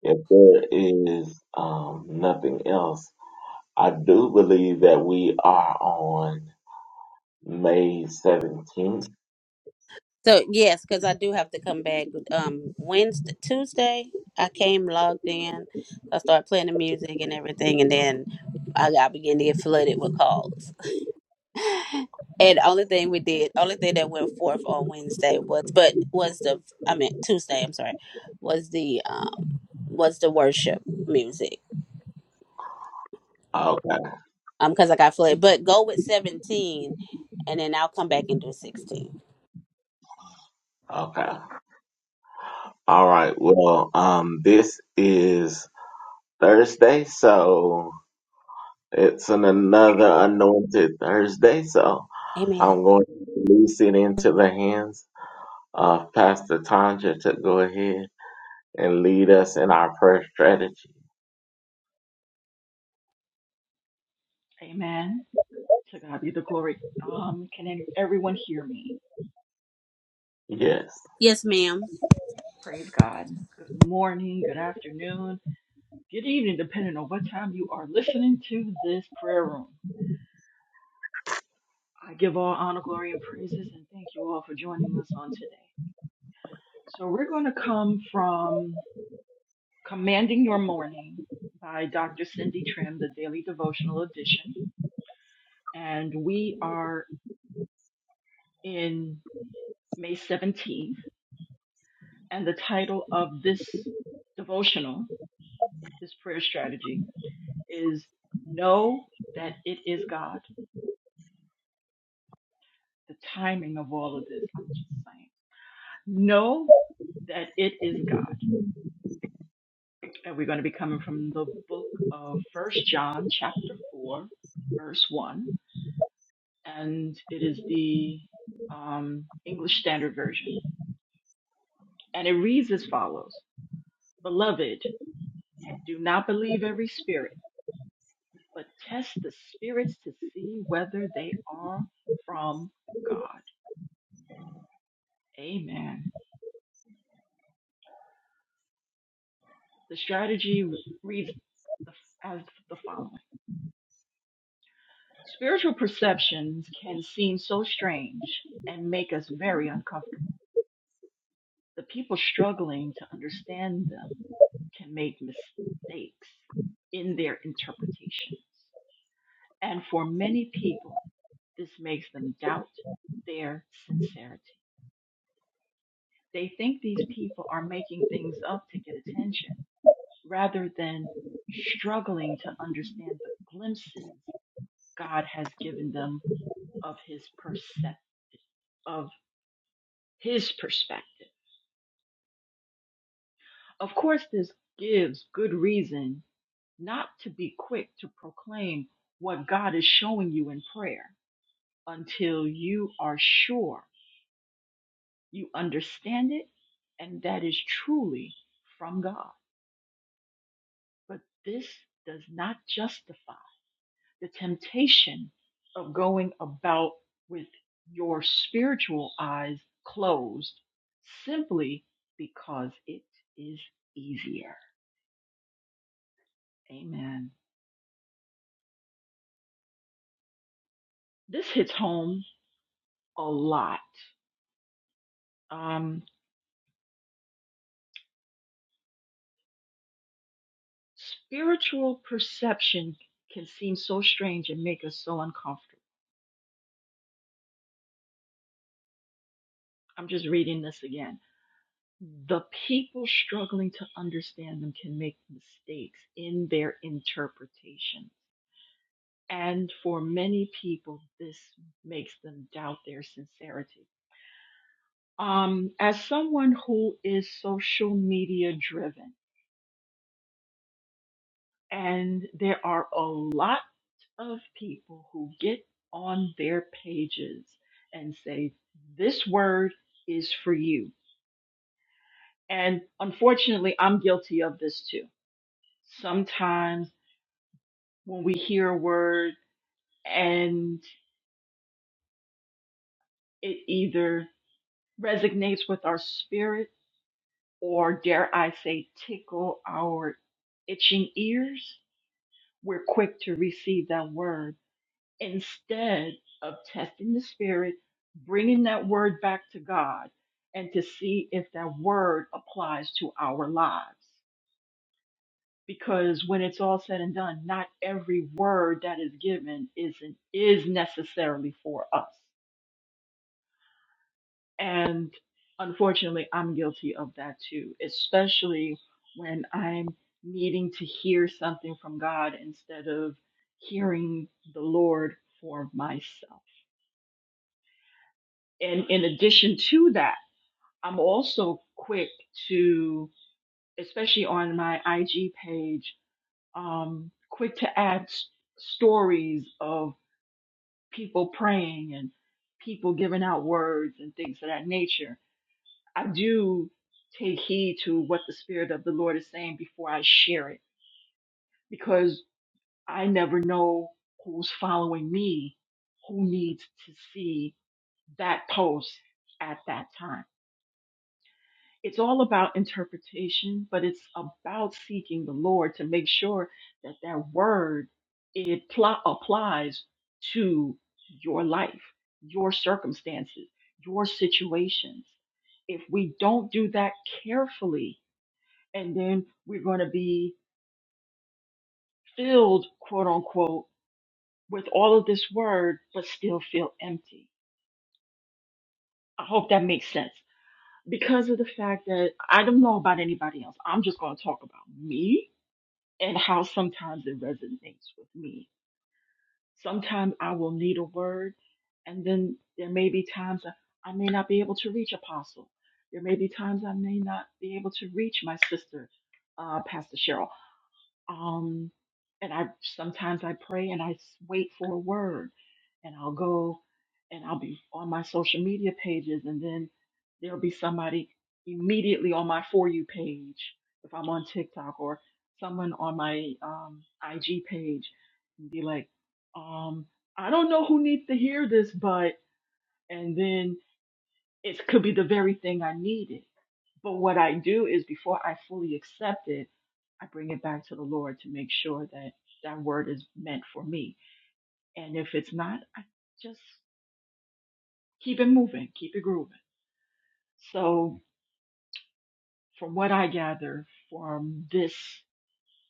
Speaker 1: if there is um, nothing else, I do believe that we are on May 17th.
Speaker 2: So yes, because I do have to come back. Um, Wednesday, Tuesday, I came logged in. I started playing the music and everything, and then I got began to get flooded with calls. And only thing we did, only thing that went forth on Wednesday was, but was the I mean Tuesday. I'm sorry, was the um was the worship music.
Speaker 1: Okay.
Speaker 2: Um, because I got flooded. But go with 17, and then I'll come back and do 16.
Speaker 1: Okay. All right. Well, um, this is Thursday, so It's an another anointed Thursday, so
Speaker 2: Amen.
Speaker 1: I'm going to release it into the hands of Pastor Tanja to go ahead and lead us in our prayer strategy.
Speaker 3: Amen. To God be the glory. Um, can any, everyone hear me?
Speaker 1: Yes.
Speaker 2: Yes, ma'am.
Speaker 3: Praise God. Good morning, good afternoon, good evening, depending on what time you are listening to this prayer room. I give all honor, glory, and praises, and thank you all for joining us on today. So we're going to come from Commanding Your Morning by Dr. Cindy Trim, the Daily Devotional Edition. And we are in May 17th, and the title of this devotional this prayer strategy is know that it is God. The timing of all of this, I'm just saying. Know that it is God. And we're going to be coming from the book of First John, chapter 4, verse 1. And it is the um, English Standard Version. And it reads as follows Beloved, do not believe every spirit, but test the spirits to see whether they are from God. Amen. The strategy reads as the following Spiritual perceptions can seem so strange and make us very uncomfortable. The people struggling to understand them can make mistakes in their interpretations. And for many people, this makes them doubt their sincerity. They think these people are making things up to get attention rather than struggling to understand the glimpses God has given them of his perspective, of his perspective. Of course, this gives good reason not to be quick to proclaim what God is showing you in prayer until you are sure you understand it and that is truly from God. But this does not justify. the temptation of going about with your spiritual eyes closed simply because it is easier. Amen. This hits home a lot. Um, spiritual perception can seem so strange and make us so uncomfortable. I'm just reading this again. The people struggling to understand them can make mistakes in their interpretation and for many people, this makes them doubt their sincerity. Um, as someone who is social media driven, and there are a lot of people who get on their pages and say, This word is for you. And unfortunately, I'm guilty of this too. Sometimes when we hear a word and it either resonates with our spirit, or dare I say, tickle our itching ears, we're quick to receive that word instead of testing the spirit, bringing that word back to God, and to see if that word applies to our lives. Because when it's all said and done, not every word that is given is, is necessarily for us. And unfortunately, I'm guilty of that too, especially when I'm needing to hear something from God instead of hearing the Lord for myself. And in addition to that, I'm also quick to, especially on my IG page, um, quick to add s- stories of people praying and people giving out words and things of that nature I do take heed to what the Spirit of the Lord is saying before I share it because I never know who's following me, who needs to see that post at that time. It's all about interpretation, but it's about seeking the Lord to make sure that that word it pl- applies to your life, your circumstances, your situations. If we don't do that carefully, and then we're going to be filled, quote unquote, with all of this word, but still feel empty. I hope that makes sense. Because of the fact that I don't know about anybody else, I'm just going to talk about me and how sometimes it resonates with me. Sometimes I will need a word, and then there may be times that I may not be able to reach Apostle. There may be times I may not be able to reach my sister, uh, Pastor Cheryl. Um, and I sometimes I pray and I s- wait for a word, and I'll go and I'll be on my social media pages, and then there'll be somebody immediately on my for you page if I'm on TikTok or someone on my um, IG page and be like, um, I don't know who needs to hear this, but and then it could be the very thing I needed but what I do is before I fully accept it, I bring it back to the Lord to make sure that that word is meant for me. And if it's not, I just keep it moving, keep it grooving. So, from what I gather from this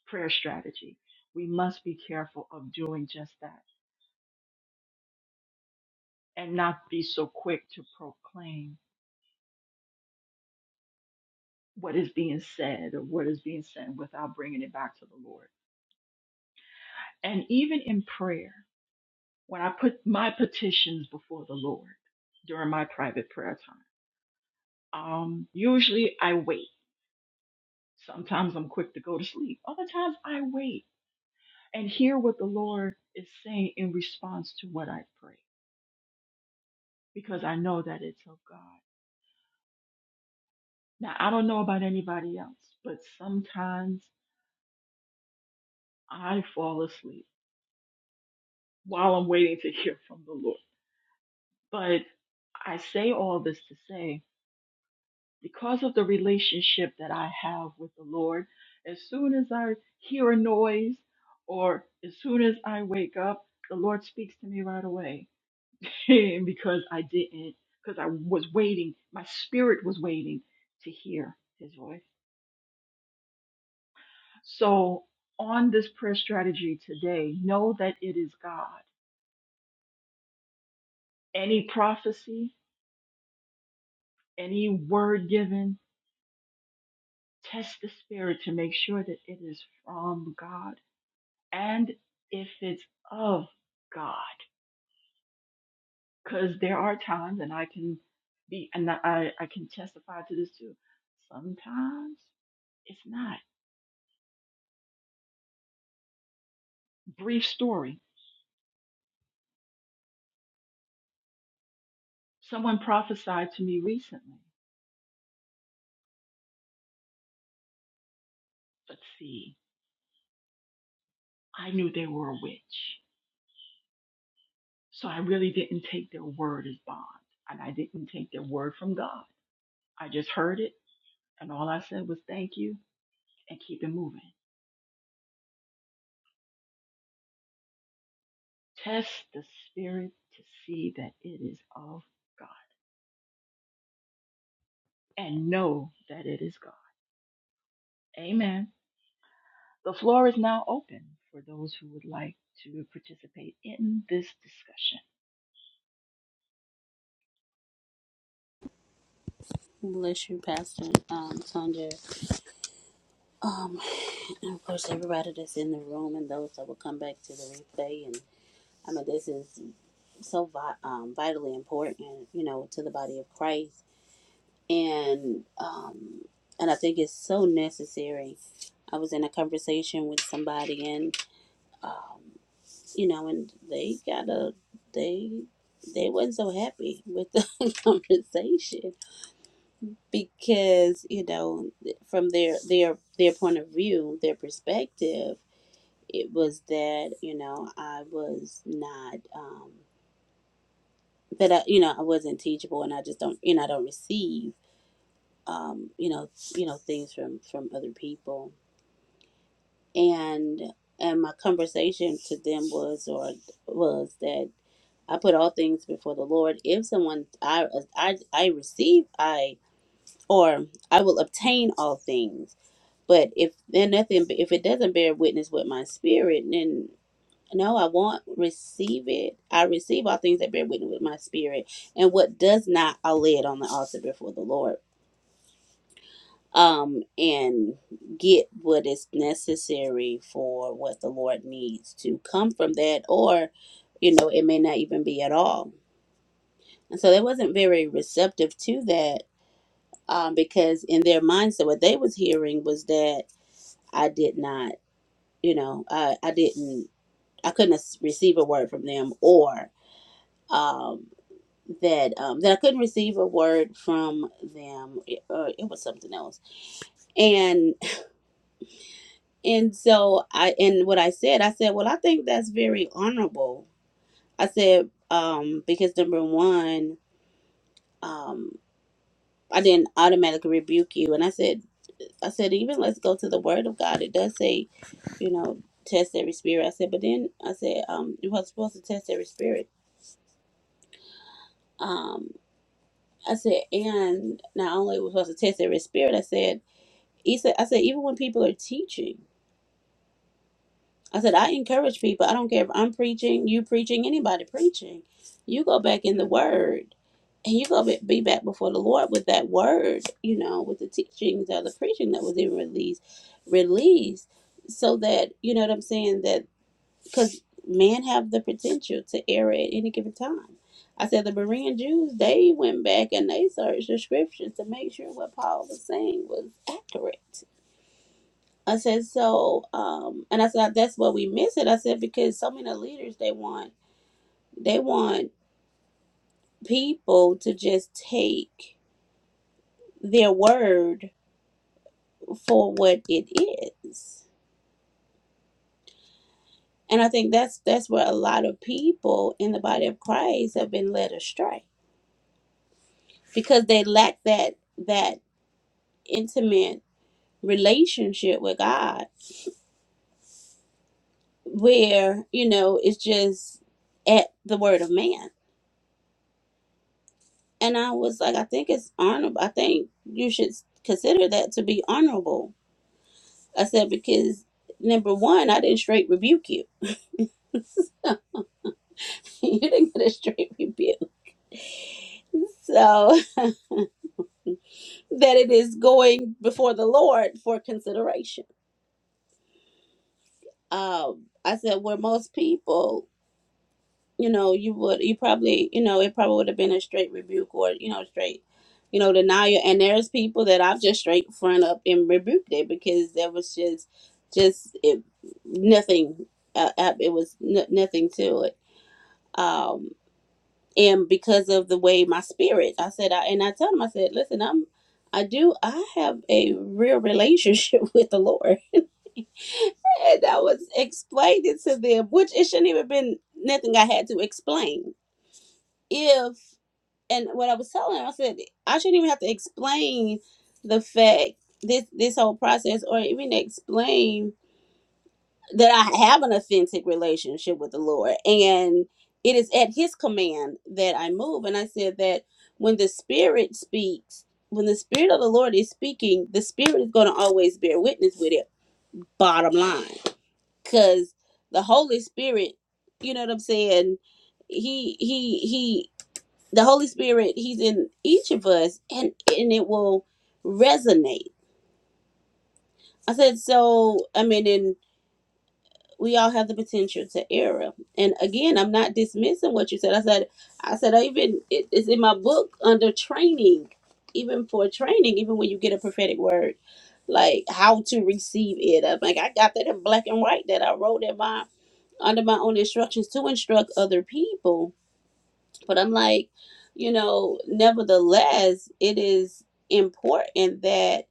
Speaker 3: prayer strategy, we must be careful of doing just that and not be so quick to proclaim what is being said or what is being said without bringing it back to the Lord. And even in prayer, when I put my petitions before the Lord during my private prayer time. Um, usually I wait. Sometimes I'm quick to go to sleep. Other times I wait and hear what the Lord is saying in response to what I pray because I know that it's of God. Now, I don't know about anybody else, but sometimes I fall asleep while I'm waiting to hear from the Lord. But I say all this to say because of the relationship that I have with the Lord, as soon as I hear a noise or as soon as I wake up, the Lord speaks to me right away because I didn't, because I was waiting. My spirit was waiting to hear his voice. So, on this prayer strategy today, know that it is God. Any prophecy, any word given, test the spirit to make sure that it is from God and if it's of God, because there are times, and I can be, and I, I can testify to this too. Sometimes it's not. Brief story. Someone prophesied to me recently, but see, I knew they were a witch, so I really didn't take their word as bond, and I didn't take their word from God. I just heard it, and all I said was thank you and keep it moving. Test the spirit to see that it is of God. and know that it is God. Amen. The floor is now open for those who would like to participate in this discussion.
Speaker 2: Bless you, Pastor um, Sonja. Um, and of course, everybody that's in the room and those that will come back to the replay. And I mean, this is so vi- um, vitally important, you know, to the body of Christ. And um, and I think it's so necessary. I was in a conversation with somebody, and um, you know, and they got a they they wasn't so happy with the conversation because you know from their their their point of view, their perspective it was that you know I was not um that I, you know I wasn't teachable and I just don't you know I don't receive um you know you know things from from other people and and my conversation to them was or was that I put all things before the Lord if someone I I I receive I or I will obtain all things but if then nothing if it doesn't bear witness with my spirit then. No, I won't receive it. I receive all things that bear witness with my spirit, and what does not, I lay it on the altar before the Lord. Um, and get what is necessary for what the Lord needs to come from that, or you know, it may not even be at all. And so they wasn't very receptive to that, um, because in their mindset, what they was hearing was that I did not, you know, I I didn't, I couldn't receive a word from them, or. um that um, that I couldn't receive a word from them. It, uh, it was something else, and and so I and what I said, I said, well, I think that's very honorable. I said um, because number one, um, I didn't automatically rebuke you, and I said, I said even let's go to the Word of God. It does say, you know, test every spirit. I said, but then I said um, you were supposed to test every spirit. Um, I said, and not only was supposed to test every spirit, I said. He said, I said, even when people are teaching, I said, I encourage people. I don't care if I'm preaching, you preaching, anybody preaching. You go back in the word and you go be be back before the Lord with that word, you know, with the teachings or the preaching that was even released, released so that, you know what I'm saying, that because men have the potential to err at any given time. I said the Berean Jews, they went back and they searched the scriptures to make sure what Paul was saying was accurate I said, so, um, and I said, that's what we miss it. I said, because so many leaders, they want, they want people to just take their word for what it is. And I think that's, that's where a lot of people in the body of Christ have been led astray because they lack that, that intimate relationship with God where, you know, it's just at the word of man And I was like, I think it's honorable. I think you should consider that to be honorable. I said, because number one, I didn't straight rebuke you. you didn't get a straight rebuke. So that it is going before the Lord for consideration. Um, I said, where most people you know, you would, you probably, you know, it probably would have been a straight rebuke or, you know, straight, you know, denial. And there's people that I've just straight front up and rebuked it because there was just, just it, nothing. Uh, uh, it was n- nothing to it. Um, and because of the way my spirit, I said, I, and I told him, I said, listen, I'm, I do, I have a real relationship with the Lord. And I was explaining to them, which it shouldn't even been nothing I had to explain if. and what I was telling her, I said I shouldn't even have to explain the fact this this whole process, or even explain that I have an authentic relationship with the Lord, and it is at His command that I move. And I said that when the Spirit speaks, when the Spirit of the Lord is speaking, the Spirit is going to always bear witness with it. Bottom line, because the Holy Spirit, you know what I'm saying. He he he the Holy Spirit, He's in each of us, and and it will resonate. I said so. I mean, and we all have the potential to err. And again, I'm not dismissing what you said. I said, I said, I even it, it's in my book under training, even for training, even when you get a prophetic word, like how to receive it. I'm like I got that in black and white that I wrote in my under my own instructions to instruct other people But I'm like, you know, nevertheless, it is important that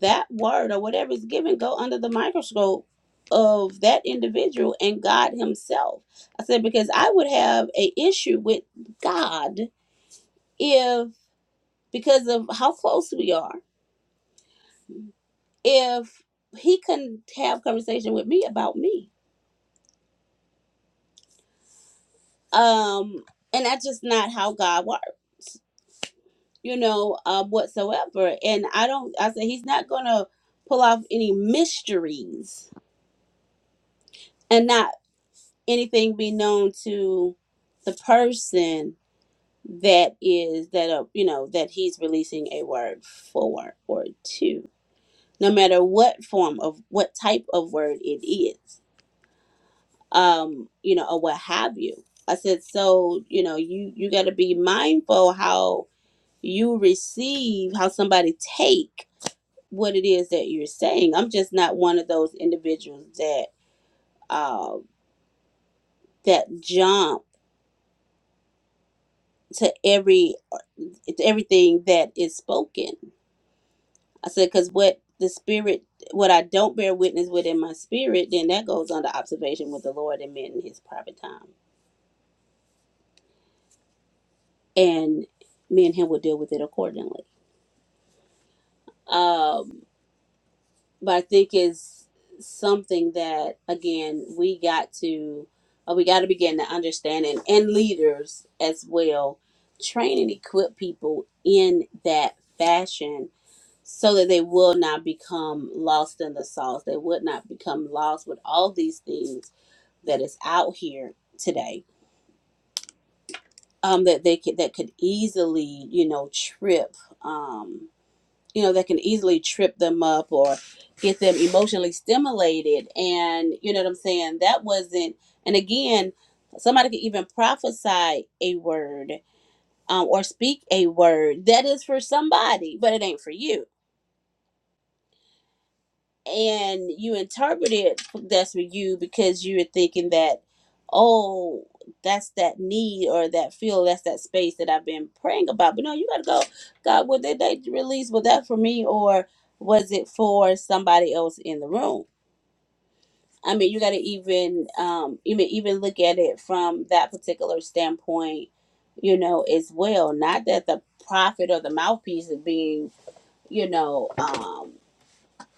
Speaker 2: that word or whatever is given go under the microscope of that individual and God himself. I said because I would have a issue with God if because of how close we are, if he couldn't have conversation with me about me. Um and that's just not how God works. you know, uh, whatsoever. And I don't, I said, he's not going to pull off any mysteries and not anything be known to the person that is, that, uh, you know, that he's releasing a word for or to, no matter what form of, what type of word it is, um, you know, or what have you. I said, so, you know, you, you got to be mindful how you receive, how somebody take what it is that you're saying. I'm just not one of those individuals that uh, that jump to every to everything that is spoken. I said because what the spirit, what I don't bear witness with in my spirit, then that goes under observation with the Lord and men in His private time, and me and Him will deal with it accordingly. Um, but I think it's something that again we got to uh, we got to begin to understand and, and leaders as well train and equip people in that fashion so that they will not become lost in the sauce they would not become lost with all these things that is out here today um that they could that could easily you know trip um you know that can easily trip them up or get them emotionally stimulated and you know what i'm saying that wasn't and again somebody could even prophesy a word um, or speak a word that is for somebody but it ain't for you and you interpreted that's for you because you were thinking that oh that's that need or that feel that's that space that i've been praying about but no you gotta go god what did they release was that for me or was it for somebody else in the room i mean you gotta even um even even look at it from that particular standpoint you know as well not that the prophet or the mouthpiece is being you know um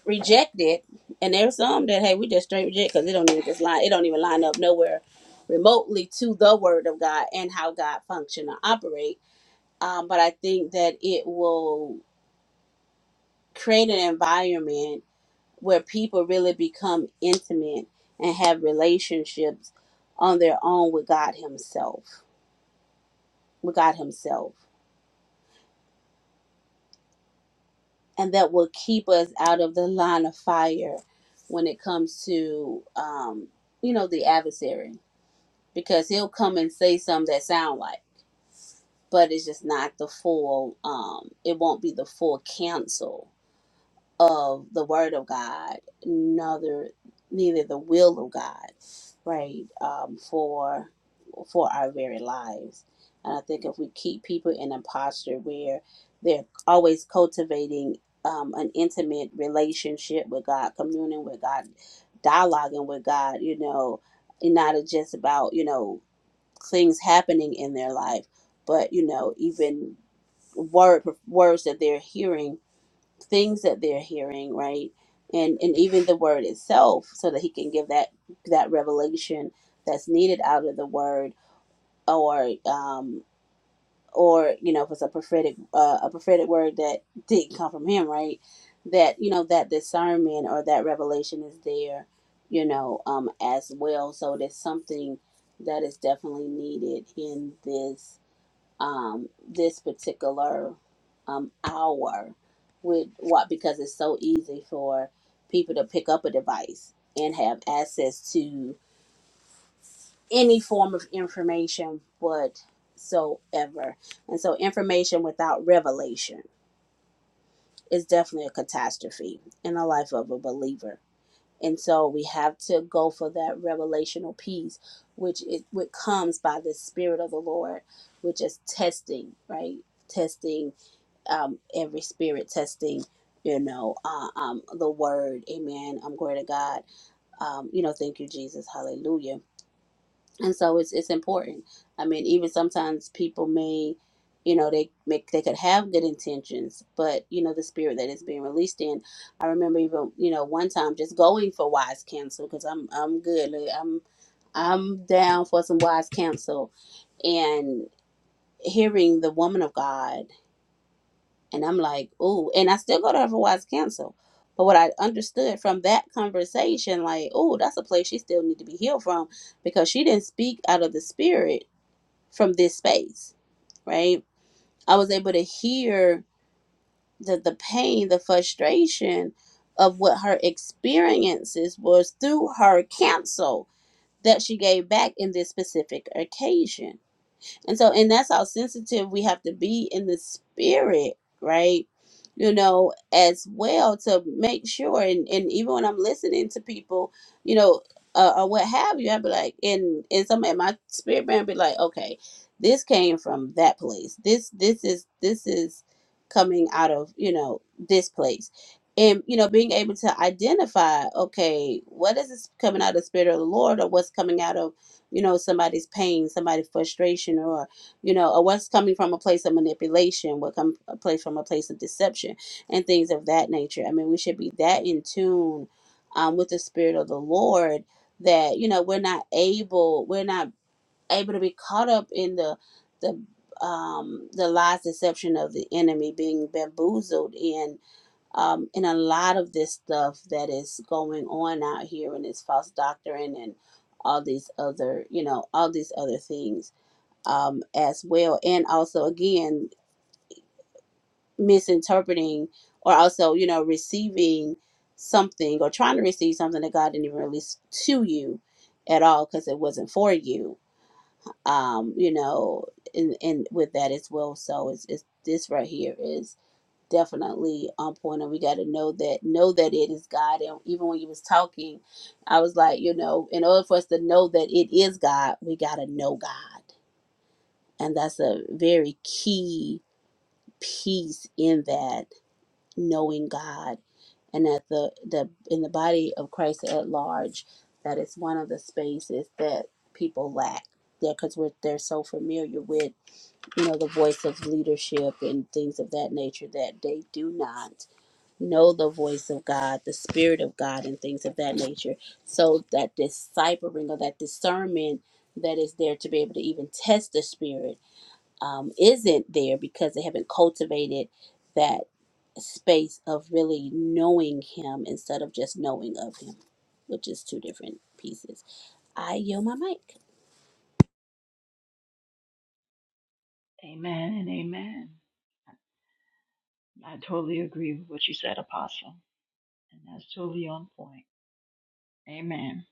Speaker 2: reject it, and there's some that hey, we just straight reject because it don't even just line, it don't even line up nowhere remotely to the Word of God and how God function or operate. Um, but I think that it will create an environment where people really become intimate and have relationships on their own with God Himself, with God Himself, and that will keep us out of the line of fire when it comes to um, you know the adversary because he'll come and say some that sound like, but it's just not the full. Um, it won't be the full counsel of the Word of God, neither neither the will of God, right? Um, for for our very lives, and I think if we keep people in a posture where they're always cultivating um, an intimate relationship with God, communing with God, dialoguing with God, you know, and not just about you know things happening in their life, but you know, even word words that they're hearing, things that they're hearing, right? And and even the word itself, so that he can give that that revelation that's needed out of the word, or um, or you know, if it's a prophetic uh, a prophetic word that didn't come from him, right? That you know that discernment or that revelation is there, you know, um, as well. So there's something that is definitely needed in this um, this particular um, hour with what because it's so easy for people to pick up a device and have access to any form of information whatsoever and so information without revelation is definitely a catastrophe in the life of a believer and so we have to go for that revelational piece which it which comes by the spirit of the lord which is testing right testing um, every spirit testing, you know, uh, um, the word, amen. I'm glory to God. Um, you know, thank you, Jesus. Hallelujah. And so it's, it's important. I mean, even sometimes people may, you know, they make, they could have good intentions, but you know, the spirit that is being released in, I remember even, you know, one time just going for wise counsel cause I'm, I'm good. Like, I'm, I'm down for some wise counsel and hearing the woman of God And I'm like, ooh, and I still go to Otherwise counsel. But what I understood from that conversation, like, ooh, that's a place she still need to be healed from because she didn't speak out of the spirit from this space, right? I was able to hear the the pain, the frustration of what her experiences was through her cancel that she gave back in this specific occasion and so, and that's how sensitive we have to be in the spirit, right? You know, as well to make sure. And, and even when I'm listening to people, you know, uh, or what have you, I'd be like, and and some and my spirit man be like, okay, this came from that place. This this is this is coming out of you know this place and you know being able to identify okay what is this coming out of the spirit of the lord or what's coming out of you know somebody's pain somebody's frustration or you know or what's coming from a place of manipulation what come a place from a place of deception and things of that nature i mean we should be that in tune um, with the spirit of the lord that you know we're not able we're not able to be caught up in the the um the lies deception of the enemy being bamboozled in um, in a lot of this stuff that is going on out here and it's false doctrine and all these other you know all these other things um, as well and also again misinterpreting or also you know receiving something or trying to receive something that god didn't even release to you at all because it wasn't for you um, you know and, and with that as well so it's, it's this right here is definitely on point and we got to know that know that it is god and even when you was talking i was like you know in order for us to know that it is god we got to know god and that's a very key piece in that knowing god and that the, the in the body of christ at large that is one of the spaces that people lack there because we're they're so familiar with you know the voice of leadership and things of that nature that they do not know the voice of God, the Spirit of God, and things of that nature. So that discipling or that discernment that is there to be able to even test the Spirit um, isn't there because they haven't cultivated that space of really knowing Him instead of just knowing of Him, which is two different pieces. I yield my mic.
Speaker 3: Amen and amen. I totally agree with what you said, Apostle, and that's totally on point. Amen.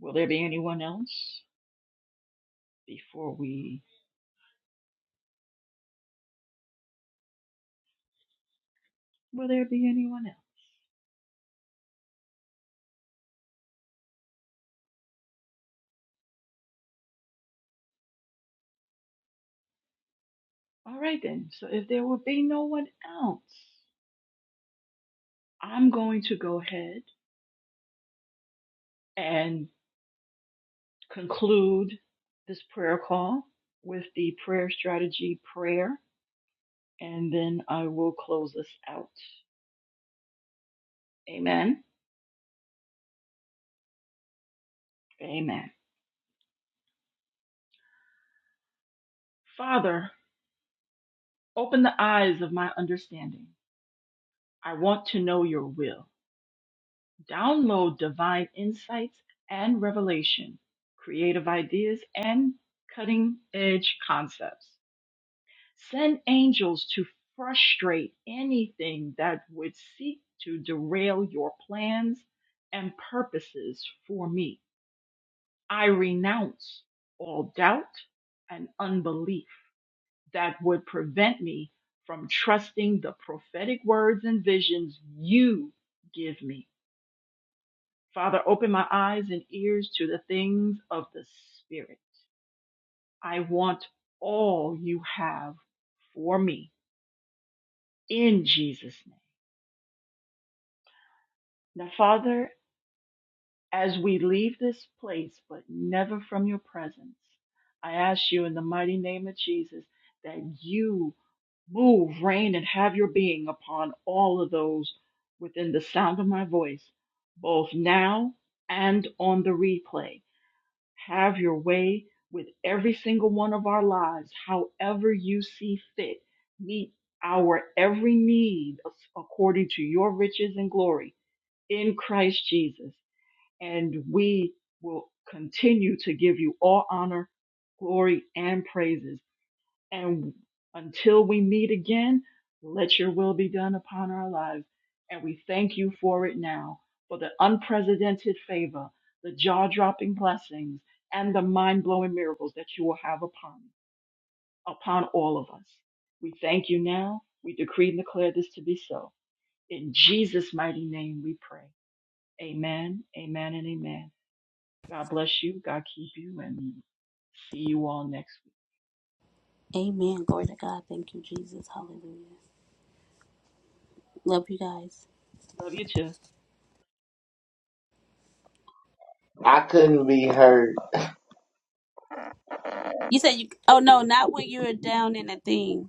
Speaker 3: Will there be anyone else before we? Will there be anyone else? All right then. So if there will be no one else, I'm going to go ahead and. conclude this prayer call with the prayer strategy prayer, and then I will close us out. Amen. Amen. Father, open the eyes of my understanding. I want to know your will. Download divine insights and revelation, creative ideas, and cutting edge concepts. Send angels to frustrate anything that would seek to derail your plans and purposes for me. I renounce all doubt and unbelief that would prevent me from trusting the prophetic words and visions you give me. Father, open my eyes and ears to the things of the Spirit. I want all you have for me in Jesus' name. Now, Father, as we leave this place, but never from your presence, I ask you in the mighty name of Jesus that you move, reign, and have your being upon all of those within the sound of my voice, both now and on the replay. Have your way with every single one of our lives, however you see fit. Meet our every need according to your riches and glory in Christ Jesus and we will continue to give you all honor, glory, and praises. And until we meet again, let your will be done upon our lives. And we thank you for it now, for the unprecedented favor, the jaw dropping blessings, and the mind blowing miracles that you will have upon, upon all of us. We thank you now. We decree and declare this to be so. In Jesus' mighty name we pray. Amen, amen, and amen. God bless you. God keep you. And see you all next week.
Speaker 2: Amen. Glory to God. Thank you, Jesus. Hallelujah. Love you guys.
Speaker 3: Love you too.
Speaker 1: I couldn't be heard.
Speaker 2: You said you. Oh no, not when you were down in a thing.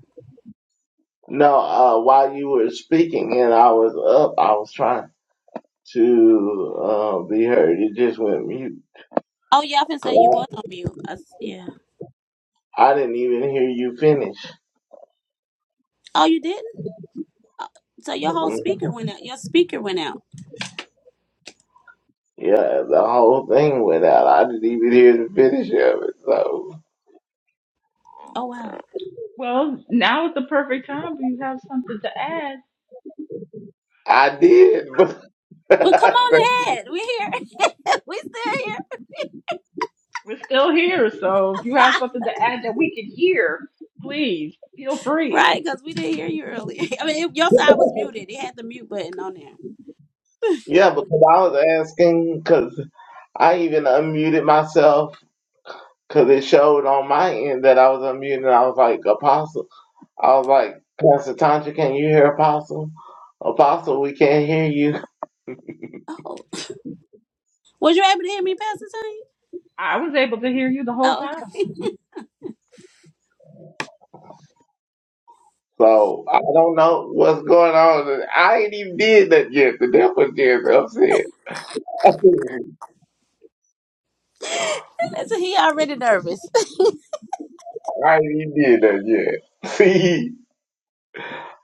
Speaker 1: No, uh, while you were speaking and I was up, I was trying to uh, be heard. It just went mute.
Speaker 2: Oh yeah, I can say you was on mute. I s yeah.
Speaker 1: I didn't even hear you finish.
Speaker 2: Oh, you didn't. Uh, So your whole speaker went out. Your speaker went out.
Speaker 1: Yeah, the whole thing went out. I didn't even hear the finish of it. So
Speaker 2: Oh wow.
Speaker 3: Well, now is the perfect time. If you have something to add,
Speaker 1: I did.
Speaker 2: Well, come on ahead. We here. we still
Speaker 3: we're still here. So if you have
Speaker 2: here.
Speaker 3: something to add that we can hear, please feel free.
Speaker 2: right, because we didn't hear you earlier. I mean, it, your side was muted. It had the mute button on there.
Speaker 1: Yeah, because I was asking because I even unmuted myself because it showed on my end that I was unmuted. and I was like, Apostle, I was like, Pastor Tantra, can you hear Apostle? Apostle, we can't hear you.
Speaker 2: Oh, was you able to hear me, Pastor Tony?
Speaker 3: I was able to hear you the whole
Speaker 2: Oh,
Speaker 3: time.
Speaker 1: So I don't know what's going on. and I ain't even did that yet. The devil just upset.
Speaker 2: okay. Listen, he already nervous.
Speaker 1: I ain't even did that yet. See,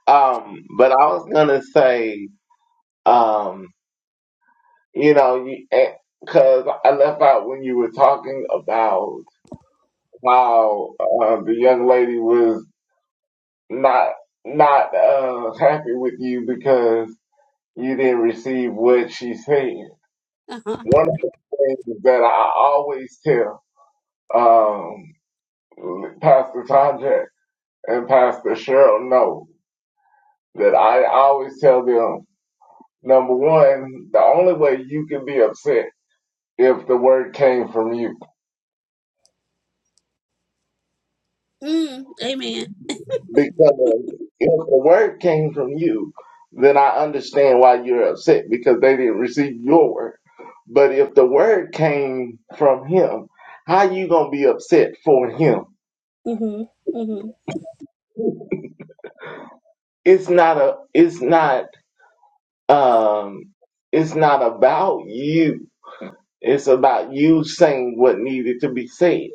Speaker 1: um, but I was gonna say, um, you know, you because I left out when you were talking about how uh, the young lady was not not uh, happy with you because you didn't receive what she said.
Speaker 2: uh-huh.
Speaker 1: One of the things that I always tell um, Pastor Tajak and Pastor Cheryl know that I always tell them number one, the only way you can be upset if the word came from you
Speaker 2: mm, amen.
Speaker 1: Because if the word came from you, then I understand why you're upset because they didn't receive your word. But if the word came from him, how you gonna be upset for him?
Speaker 2: Mhm. Mhm.
Speaker 1: It's not a it's not um it's not about you. It's about you saying what needed to be said.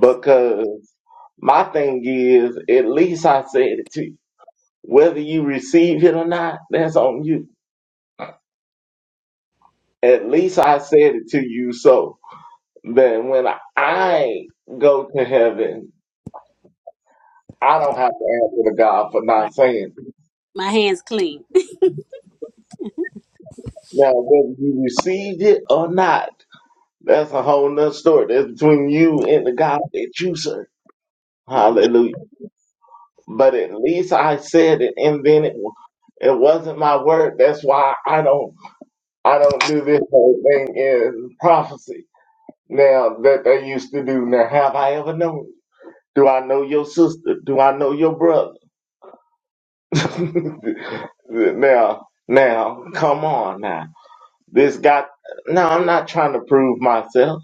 Speaker 1: Because my thing is at least I said it to you. Whether you receive it or not, that's on you. At least I said it to you so that when I go to heaven, I don't have to answer to God for
Speaker 2: Right.
Speaker 1: not saying it.
Speaker 2: My hands clean.
Speaker 1: Now, whether you received it or not, that's a whole nother story. That's between you and the God that you serve.
Speaker 2: Mhm.
Speaker 1: Hallelujah. But at least I said it, and then it it wasn't my word. That's why I don't I don't do this whole thing in prophecy now that they used to do. Now, have I ever known? Do I know your sister? Do I know your brother? now, now, come on now. This got, no, I'm not trying to prove myself.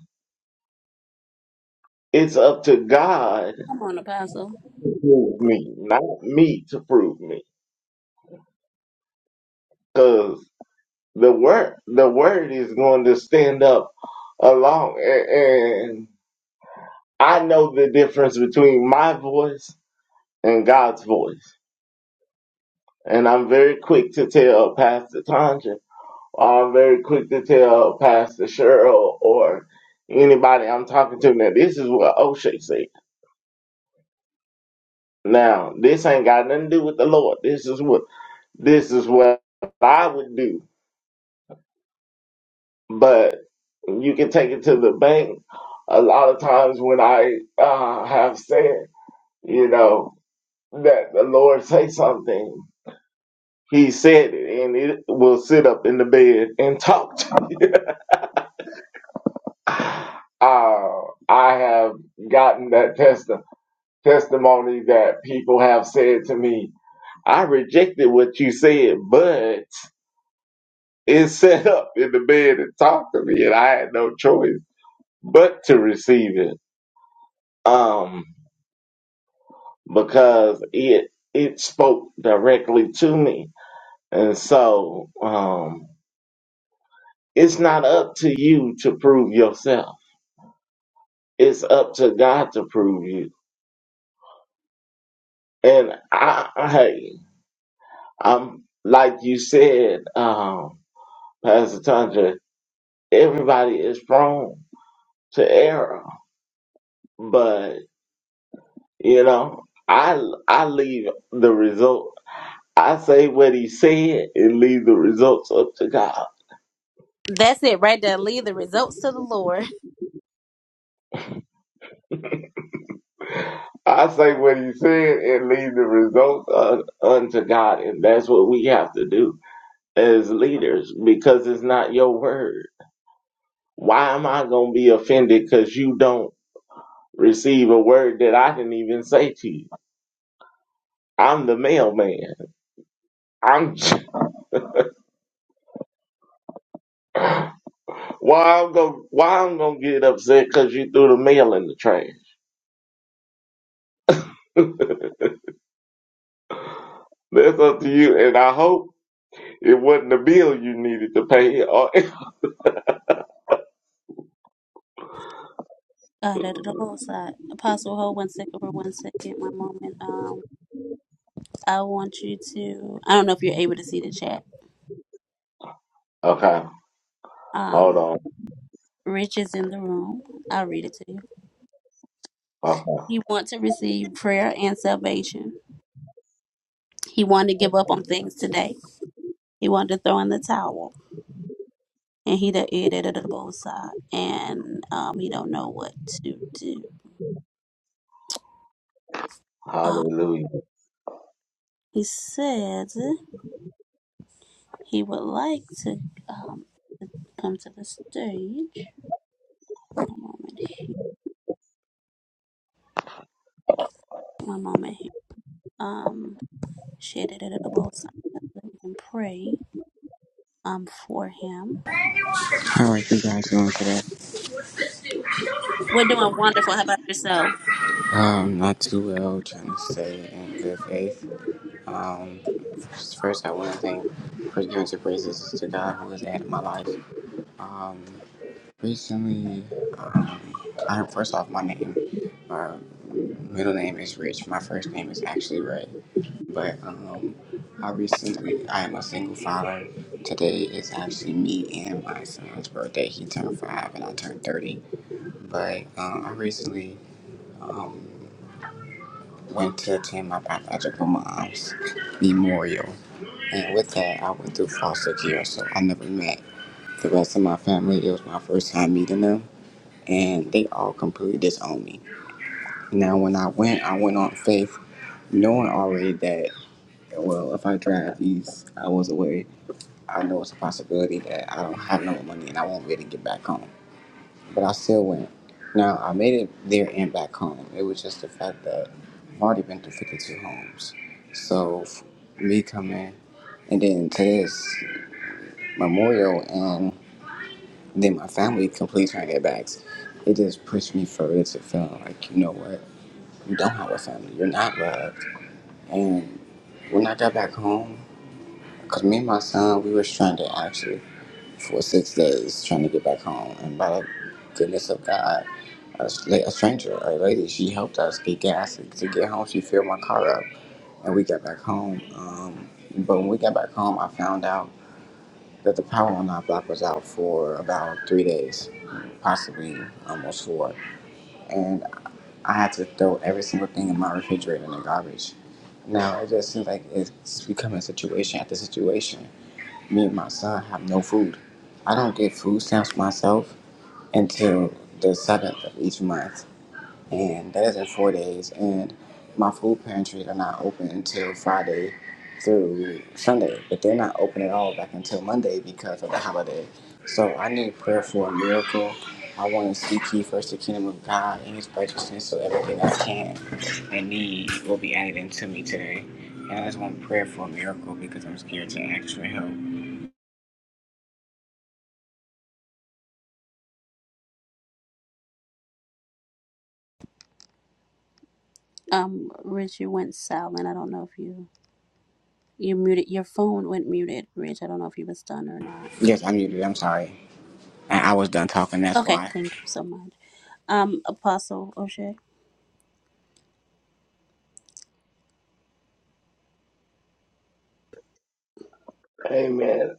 Speaker 1: It's up to God
Speaker 2: Come on, Apostle.
Speaker 1: to prove me, not me to prove me. Cause the word, the word is going to stand up along a- and I know the difference between my voice and God's voice. And I'm very quick to tell Pastor Tanja I'm very quick to tell Pastor Cheryl or anybody I'm talking to now this is what O'Shea said. Now this ain't got nothing to do with the Lord. This is what this is what I would do. But you can take it to the bank. A lot of times when I uh, have said, you know, that the Lord say something, He said it, and it will sit up in the bed and talk. To me. Uh, I have gotten that testimony testimonies that people have said to me. I rejected what you said, but it set up in the bed and talked to me, and I had no choice but to receive it. Um, because it it spoke directly to me, and so um, it's not up to you to prove yourself. It's up to God to prove you. And I, I hey, I'm like you said, um, Pastor Tanja. everybody is prone to error, but you know, I I leave the result. I say what he said and leave the results up to God.
Speaker 2: That's it right there. Leave the results to the Lord.
Speaker 1: I say what he said and leave the results un, unto God, and that's what we have to do as leaders because it's not your word. Why am I gonna be offended because you don't receive a word that I didn't even say to you? I'm the mailman. I'm Why I'm gonna why I'm gonna get upset because you threw the mail in the trash? That's up to you, and I hope it wasn't the bill you needed to pay. Or-
Speaker 2: Uh, da, da, da, oh, sorry. Apostle, hold one second for one second, one moment. Um, I want you to. I don't know if you're able to see the chat.
Speaker 1: okay, hold
Speaker 2: Um,
Speaker 1: on.
Speaker 2: Rich is in the room. I'll read it to you.
Speaker 1: Okay,
Speaker 2: He want to receive prayer and salvation. He wanted to give up on things today. He wanted to throw in the towel, and he da eh, da da da da, both side, and um, he don't know what to do. Uh,
Speaker 1: hallelujah,
Speaker 2: he said he would like to um come to the stage. One moment one moment here. Um, share that at both sides. We can pray um for him.
Speaker 4: How are you guys doing today?
Speaker 2: We're doing wonderful. How about yourself?
Speaker 4: Um, not too well, trying to stay in good faith. Um, first, I want to thank for giving the praises to God who has added my life. Um, recently, um, I first off, my name, my middle name is Rich, my first name is actually Ray. But, um, I recently, I am a single father. Today is actually me and my son's birthday. He turned five and I turned 30 but uh, I recently um, went to attend my biological mom's memorial, and with that, I went through foster care, so I never met the rest of my family. It was my first time meeting them, and they all completely disowned me. Now, when I went, I went on faith, knowing already that well, if I drive these hours away, I know it's a possibility that I don't have no money and I won't really get back home. but I still went. Now I made it there and back home. It was just the fact that I've already been through 52 homes, so f- me coming and then to this memorial and then my family completely turning their backs. It just pushed me further to feeling like you know what, you don't have a family, you're not loved, and when I got back home, because me and my son we were stranded actually. for six days trying to get back home. And by the goodness of God, a, s- like, a stranger, a lady, she helped us get gas to get home. She filled my car up and we got back home. Um, but when we got back home, I found out that the power on our block was out for about three days, possibly almost four. And I had to throw every single thing in my refrigerator in the garbage. Now it just seems like it's becoming situation after situation. Me and my son have no food. I don't get food stamps myself until the seventh of each month, and that is in four days. And my food pantries are not open until Friday through Sunday, but they're not open at all back until Monday because of the holiday. So I need prayer for a miracle. I want to seek ye first the kingdom of God and His righteousness, so everything I can and need will be added into me today. And I just want prayer for a miracle because I'm scared to ask for help.
Speaker 2: Um, Rich, you went silent. I don't know if you you muted your phone went muted, Rich. I don't know if you was done or not.
Speaker 4: Yes, I muted. I'm sorry. I, I was done talking. That's
Speaker 2: Okay,
Speaker 4: why.
Speaker 2: thank you so much. Um, Apostle O'Shea.
Speaker 1: amen.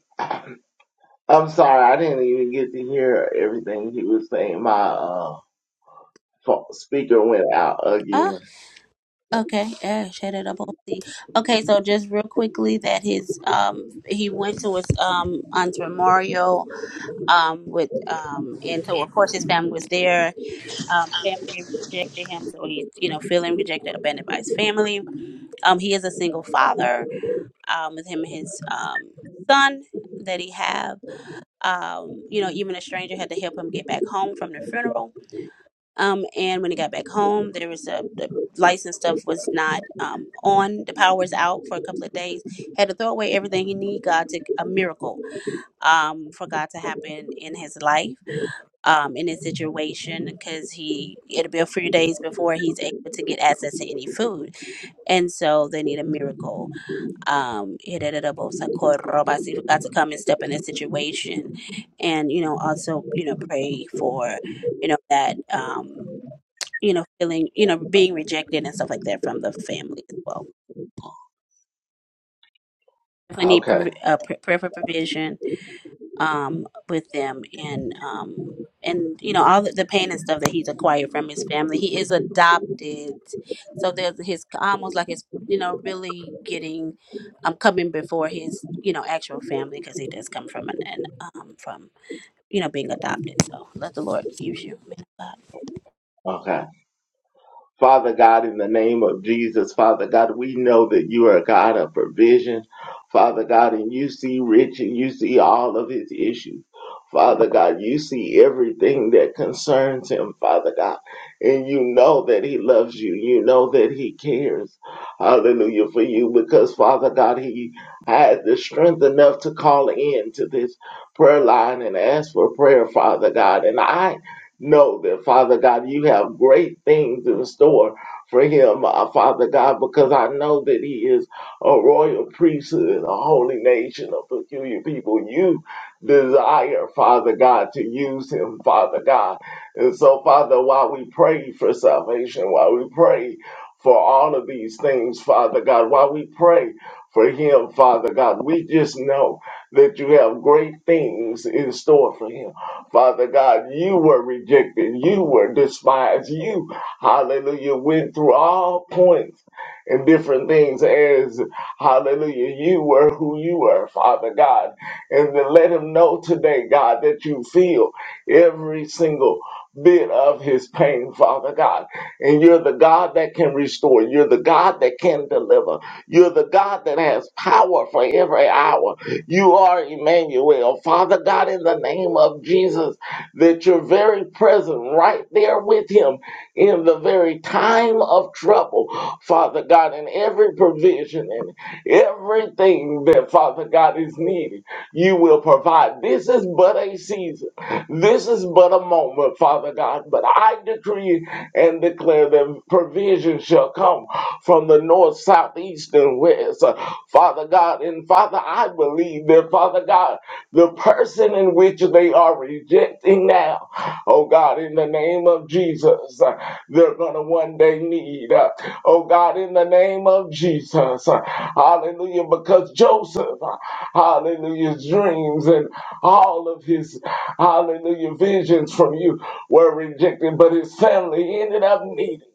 Speaker 1: I'm sorry, I didn't even get to hear everything he was saying. My uh, fo- speaker went out
Speaker 2: Ah,
Speaker 1: again.
Speaker 2: okay. Yeah, share that at both sides. Okay, so just real quickly that his um he went to his um aunt's memorial um with um and so of course his family was there Um, family rejected him, so he's you know feeling rejected, abandoned by his family. Um, he is a single father um, with him and his um, son that he have. Um, you know, even a stranger had to help him get back home from the funeral. Um, and when he got back home, there was a the license stuff was not um, on. The power was out for a couple of days. Had to throw away everything he need. God took a miracle um, for God to happen in his life um, in his situation because he it'll be a few days before he's able to get access to any food and so they need a miracle. Um, he did it about Socorro, but see if God to come and step in a situation, and you know, also you know, pray for you know that um, you know feeling you know being rejected and stuff like that from the family as well. If we need prov-
Speaker 1: Okay,
Speaker 2: uh, pr- prayer for provision um, with them and um, and you know all the, the pain and stuff that he's acquired from his family. He is adopted, so there's his almost like his you know really getting um coming before his you know actual family because he does come from an, an um from you know being adopted. So let the Lord use you, man. of God.
Speaker 1: okay. Father God, in the name of Jesus, Father God, we know that you are a God of provision, Father God, and you see Rich and you see all of his issues. Father God, you see everything that concerns him, Father God, and you know that he loves you. You know that he cares, hallelujah, for you, because Father God, he had the strength enough to call in to this prayer line and ask for prayer, Father God. And I know that, Father God, you have great things in store for him, uh, Father God, because I know that he is a royal priesthood and a holy nation, a peculiar people. You desire, Father God, to use him, Father God. And so, Father, while we pray for salvation, while we pray for all of these things, Father God, while we pray for him, Father God, we just know that you have great things in store for him. Father God, you were rejected. You were despised. You, hallelujah, went through all points and different things as, hallelujah, you were who you were, Father God. And to let him know today, God, that you feel every single bit of his pain, Father God. And you're the God that can restore. You're the God that can deliver. You're the God that has power for every hour. You are Emmanuel. Father God, in the name of Jesus, that you're very present right there with him in the very time of trouble. Father God, in every provision and everything that Father God is needing, you will provide. This is but a season. This is but a moment, Father God, but I decree and declare that provision shall come from the north, south, east, and west, Uh, Father God. And Father, I believe that, Father God, the person in which they are rejecting now, oh God, in the name name of Jesus, uh, they're going to one day need. uh, Oh God, in the name of Jesus. uh, Hallelujah. Because Joseph, uh, hallelujah, dreams and all of his, hallelujah, visions from you were rejected, but his family ended up needing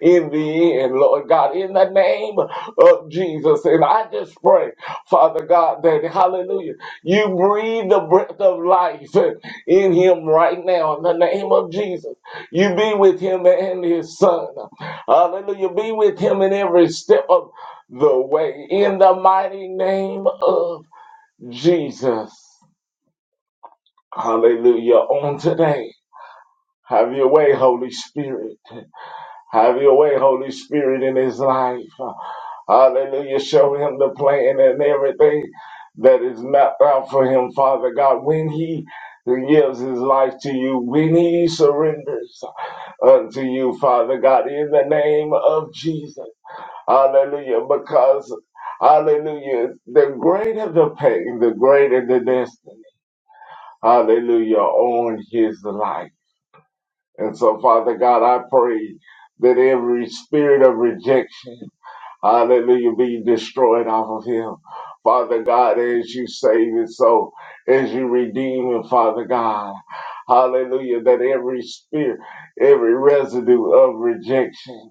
Speaker 1: in the end, Lord God, in the name of Jesus. And I just pray, Father God, that hallelujah, you breathe the breath of life in him right now in the name of Jesus. You be with him and his son. Hallelujah. Be with him in every step of the way. In the mighty name of Jesus. Hallelujah. On today, have your way, Holy Spirit. Have your way, Holy Spirit, in his life. Hallelujah. Show him the plan and everything that is mapped out for him, Father God. When he gives his life to you, when he surrenders unto you, Father God, in the name of Jesus. Hallelujah. Because, hallelujah, the greater the pain, the greater the destiny. Hallelujah. On his life. And so, Father God, I pray that every spirit of rejection, hallelujah, be destroyed off of him. Father God, as you save it, so as you redeem it, Father God, hallelujah, that every spirit, every residue of rejection,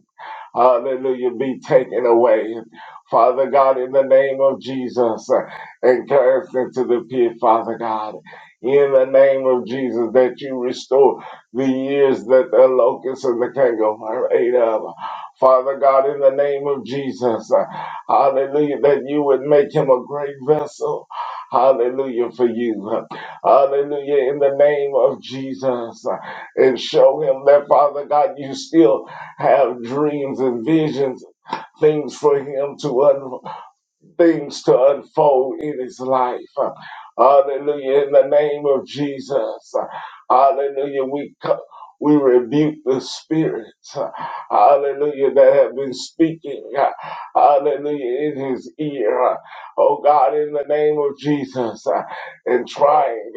Speaker 1: hallelujah, be taken away. Father God, in the name of Jesus, uh, encourage them to the pit, Father God. In the name of Jesus, that you restore the years that the locust and the canker ate up. Father God, in the name of Jesus, uh, hallelujah, that you would make him a great vessel. Hallelujah for you. Hallelujah in the name of Jesus. uh, And show him that, Father God, you still have dreams and visions, things for him to unfold things to unfold in his life. Hallelujah. In the name of Jesus. Hallelujah. We co- we rebuke the spirits, hallelujah, that have been speaking, hallelujah, in his ear, oh God, in the name of Jesus, and trying,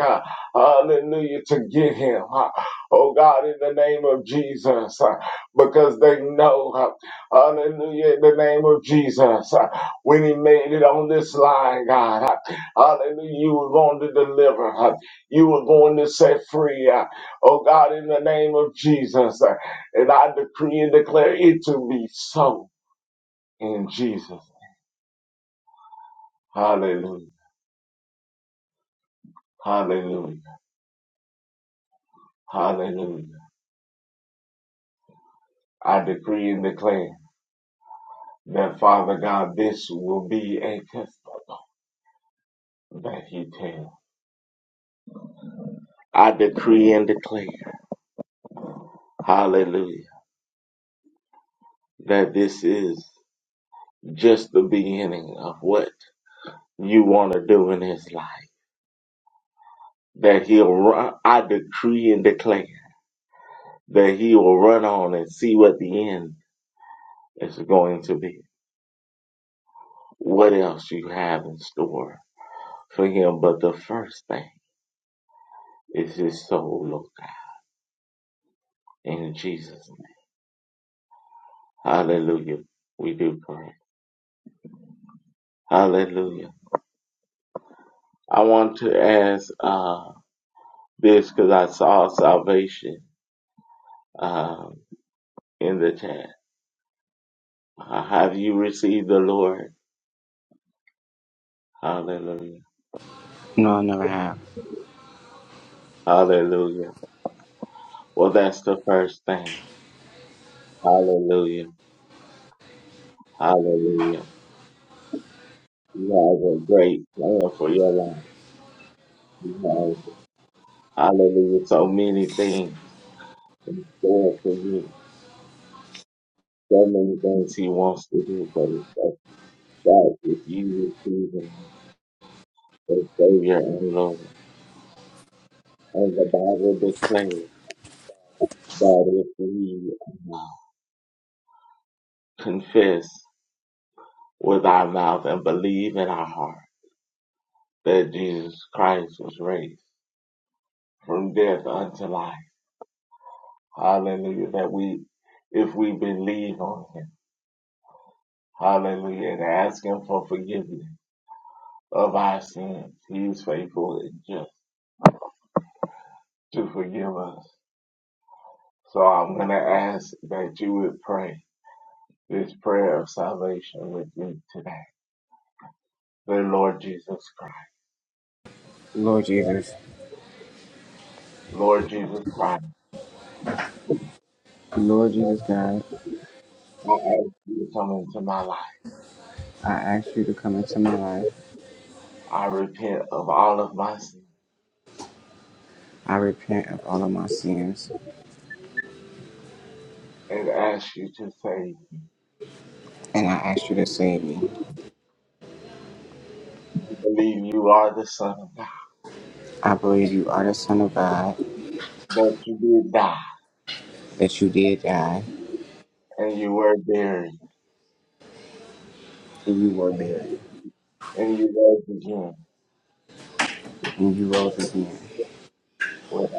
Speaker 1: hallelujah, to get him, oh God, in the name of Jesus, because they know, hallelujah, in the name of Jesus when he made it on this line, God. Hallelujah. You were going to deliver. You were going to set free. Oh God, in the name of Jesus. And I decree and declare it to be so in Jesus. Hallelujah. Hallelujah. Hallelujah. I decree and declare that Father God, this will be a testimony that he tells. I decree and declare, hallelujah, that this is just the beginning of what you want to do in his life. That he'll run, I decree and declare that he will run on and see what the end is going to be. What else you have in store for him? But the first thing is his soul, Lord God. In Jesus' name. Hallelujah. We do pray. Hallelujah. I want to ask uh, this because I saw salvation uh, in the chat. Uh, have you received the Lord? Hallelujah.
Speaker 4: No, I never have.
Speaker 1: Hallelujah. Well, that's the first thing. Hallelujah. Hallelujah. You have a great plan for your life. You have, hallelujah, so many things in store for you. So many things he wants to do, but it all starts with you receiving the Savior and Lord. And the Bible declares that if we uh, confess with our mouth and believe in our heart that Jesus Christ was raised from death unto life, Hallelujah. That we, if we believe on him, hallelujah, and ask him for forgiveness of our sins, he is faithful and just to forgive us. So I'm going to ask that you would pray this prayer of salvation with me today. Dear Lord Jesus Christ,
Speaker 4: Lord Jesus,
Speaker 1: Lord Jesus Christ,
Speaker 4: Lord Jesus God,
Speaker 1: I ask you to come into my life.
Speaker 4: I ask you to come into my life.
Speaker 1: I repent of all of my sins
Speaker 4: I repent of all of my sins,
Speaker 1: and ask you to save me.
Speaker 4: and I ask you to save me.
Speaker 1: I Believe you are the Son of God,
Speaker 4: I believe you are the Son of God,
Speaker 1: that you did die
Speaker 4: that you did die,
Speaker 1: and you were buried
Speaker 4: and you were buried,
Speaker 1: and you will begin
Speaker 4: and you rose again
Speaker 1: with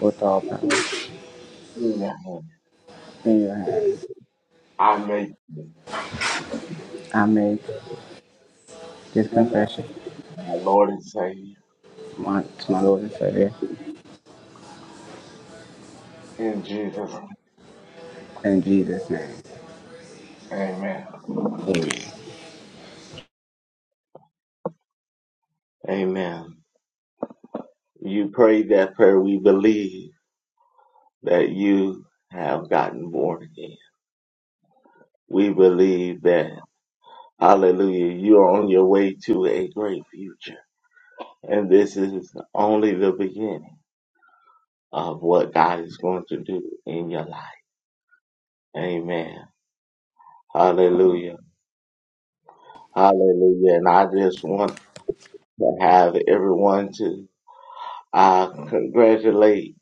Speaker 4: with all power
Speaker 1: Hallelujah.
Speaker 4: in your hands.
Speaker 1: I make
Speaker 4: I make this
Speaker 1: you
Speaker 4: confession
Speaker 1: my Lord and Savior
Speaker 4: my, to my Lord and Savior
Speaker 1: in Jesus. name.
Speaker 4: in Jesus' name.
Speaker 1: Amen.
Speaker 4: Amen.
Speaker 1: Amen. You prayed that prayer. We believe that you have gotten born again. We believe that, hallelujah, you are on your way to a great future. And this is only the beginning of what God is going to do in your life. Amen. Hallelujah. Hallelujah. And I just want to have everyone to I congratulate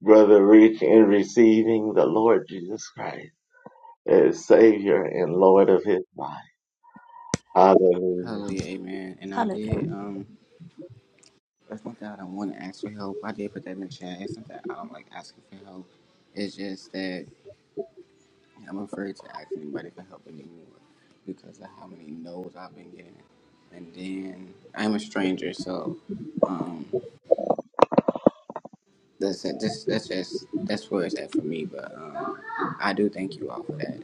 Speaker 1: Brother Rich in receiving the Lord Jesus Christ as Savior and Lord of his life. Hallelujah.
Speaker 4: Hallelujah, amen. And I did.
Speaker 2: Hallelujah.
Speaker 4: Um, It's not that I don't want to ask for help. I did put that in the chat. It's not that I don't like asking for help. It's just that I'm afraid to ask anybody for help anymore because of how many no's I've been getting. And then I'm a stranger, so um, that's it. Just that's just that's where it's at for me. But um, I do thank you all for that.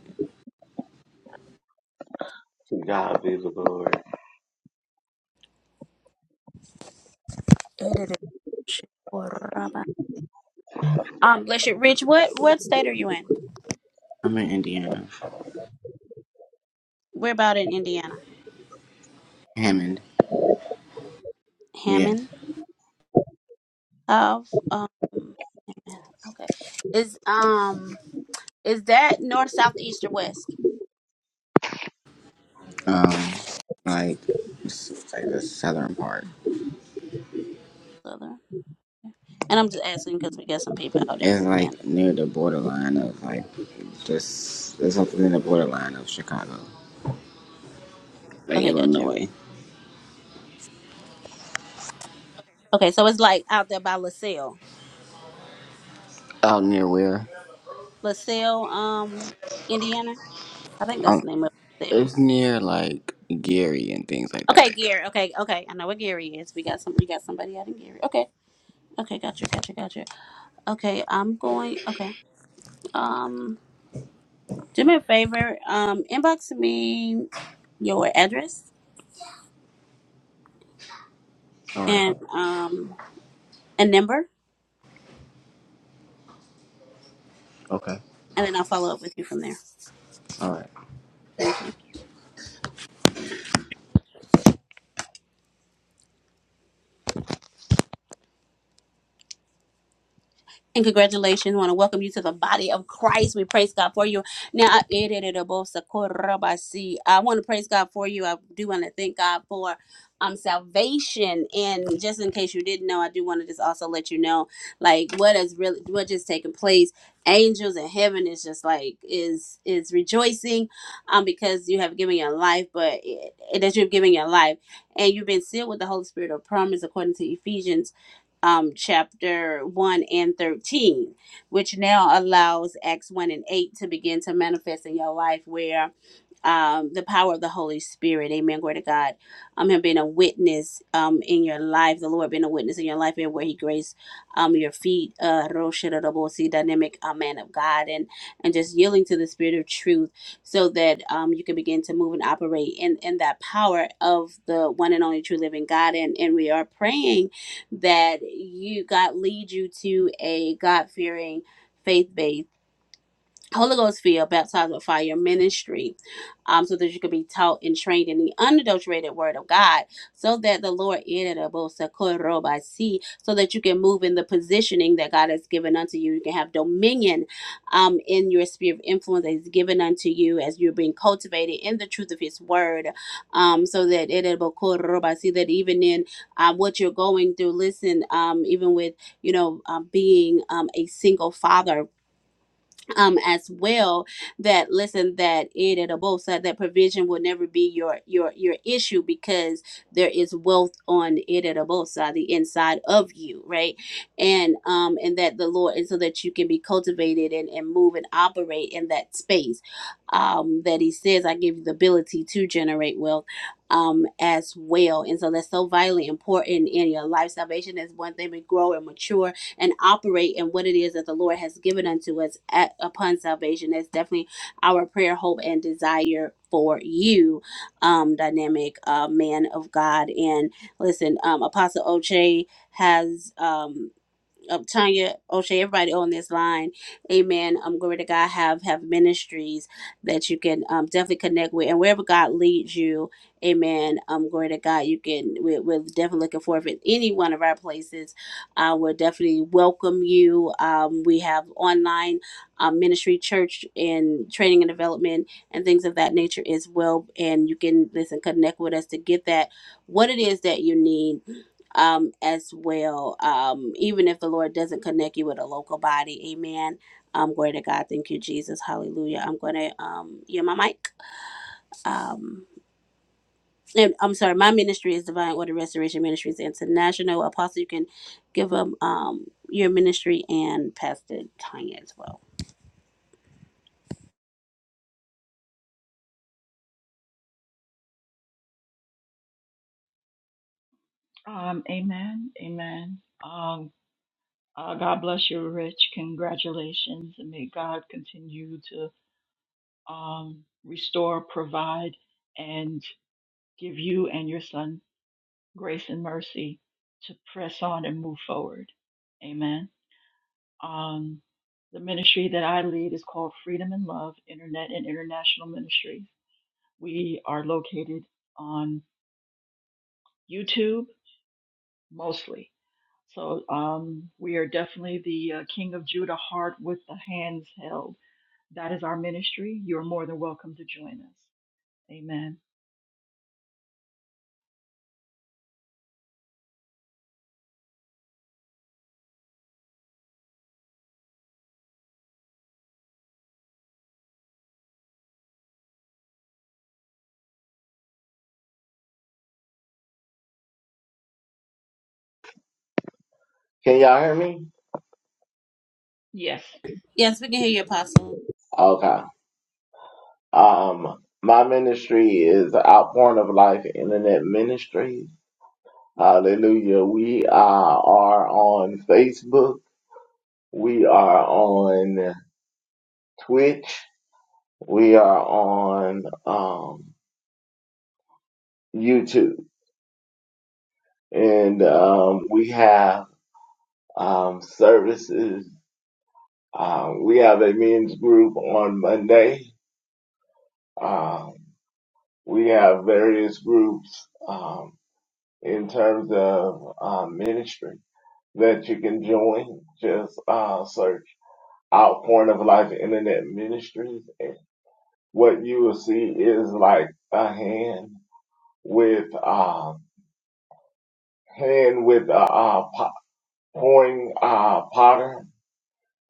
Speaker 1: To God be the glory.
Speaker 2: Edited. Um, bless you, Rich. What what state are you in?
Speaker 4: I'm in Indiana,
Speaker 2: We're about in Indiana.
Speaker 4: Hammond. Yes.
Speaker 2: Hammond. of um amen. okay is um is that north south east or west
Speaker 4: Um, like it's like the southern part.
Speaker 2: southern and i'm just asking because we got some people out in
Speaker 4: It's
Speaker 2: Indiana.
Speaker 4: like near the borderline of like just it's something in the borderline of Chicago, like
Speaker 2: okay got you
Speaker 4: Illinois.
Speaker 2: okay so it's like out there by lasalle
Speaker 4: Out near where?
Speaker 2: lasalle um indiana i think that's
Speaker 4: Um,
Speaker 2: the name of lasalle
Speaker 4: it's near like Gary and things like
Speaker 2: okay
Speaker 4: that.
Speaker 2: gary okay okay i know where gary is we got some we got somebody out in gary okay okay got you got you got you okay i'm going okay um do me a favor um inbox me your address
Speaker 4: All right.
Speaker 2: and um a number,
Speaker 4: Okay.
Speaker 2: and then I'll follow up with you from there.
Speaker 4: All right.
Speaker 2: Thank you. And congratulations. We want to welcome you to the body of Christ. We praise God for you. Now, I I want to praise God for you. I do want to thank God for um salvation. And just in case you didn't know, I do want to just also let you know like what is really what just taking place. Angels in heaven is just like is is rejoicing um because you have given your life, but it, that you've given your life and you've been sealed with the Holy Spirit of promise according to Ephesians um, chapter 1 and 13, which now allows Acts 1 and 8 to begin to manifest in your life where um, the power of the Holy Spirit, amen, glory to God, um, him being a witness um, in your life, the Lord being a witness in your life and where he graced um, your feet, uh, Roshiradabosi, dynamic uh, man of God, and, and just yielding to the spirit of truth so that um, you can begin to move and operate in, in that power of the one and only true living God. And, and we are praying that you God lead you to a God fearing, faith based Holy Ghost filled, baptized with fire ministry, um, so that you could be taught and trained in the unadulterated word of God, so that the Lord see, so that you can move in the positioning that God has given unto you. You can have dominion um in your sphere of influence that is given unto you as you're being cultivated in the truth of his word. Um, so that see that even in um, what you're going through, listen, um, even with you know um, being um, a single father um as well that listen that it at a both side that provision will never be your your your issue because there is wealth on it at a both side the inside of you right and um and that the lord and so that you can be cultivated and, and move and operate in that space um that he says i give you the ability to generate wealth um as well and so that's so vitally important in your life salvation is one thing we grow and mature and operate in what it is that the Lord has given unto us at, upon salvation. That's definitely our prayer, hope, and desire for you, um, dynamic uh, man of God. And listen, um, Apostle Oche has. Um, um, Tanya, O'Shea, everybody on this line, amen. Um, glory to God, have have ministries that you can um, definitely connect with. And wherever God leads you, amen. Um, glory to God, you can, we're, we're definitely looking forward for any one of our places. Uh, we'll definitely welcome you. Um, we have online um, ministry, church, and training and development and things of that nature as well. And you can, listen, connect with us to get that, what it is that you need um, as well. Um, even if the Lord doesn't connect you with a local body, amen. Um, glory to God. Thank you, Jesus. Hallelujah. I'm going to, um, yeah, my mic. Um, and I'm sorry, my ministry is Divine Order Restoration Ministries International. Apostle, you can give them um, your ministry and Pastor Tanya as well.
Speaker 3: Um, amen. Amen. Um, uh, God bless you, Rich. Congratulations. And may God continue to um, restore, provide, and give you and your son grace and mercy to press on and move forward. Amen. Um, the ministry that I lead is called Freedom and Love Internet and International Ministries. We are located on YouTube mostly. So um, we are definitely the uh, King of Judah heart with the hands held. That is our ministry. You're more than welcome to join us. Amen.
Speaker 1: Can y'all hear me?
Speaker 3: Yes.
Speaker 2: Yes, we can hear you, Apostle.
Speaker 1: Okay. Um, my ministry is Outpouring of Life Internet Ministry. Hallelujah. We uh, are on Facebook. We are on Twitch. We are on um, YouTube. And um, we have um, services. Um, we have a men's group on Monday. Um, we have various groups um, in terms of uh, ministry that you can join. Just uh, search Outpouring of Life Internet Ministries. And what you will see is like a hand with um, hand with a, uh uh, po- pouring uh, potter,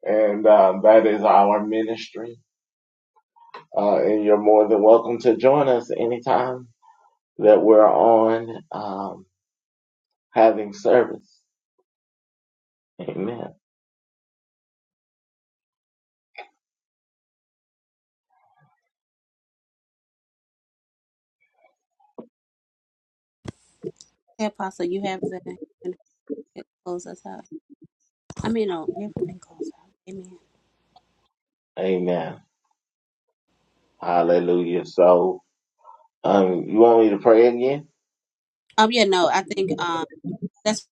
Speaker 1: and uh, that is our ministry Uh, and you're more than welcome to join us anytime that we're on um, having service. Amen.
Speaker 2: Hey, Apostle, you have the close us out. I mean, no, you can close out. Amen.
Speaker 1: Amen. Hallelujah. So, um, you want me to pray again?
Speaker 2: Um, yeah, no, I think um, let's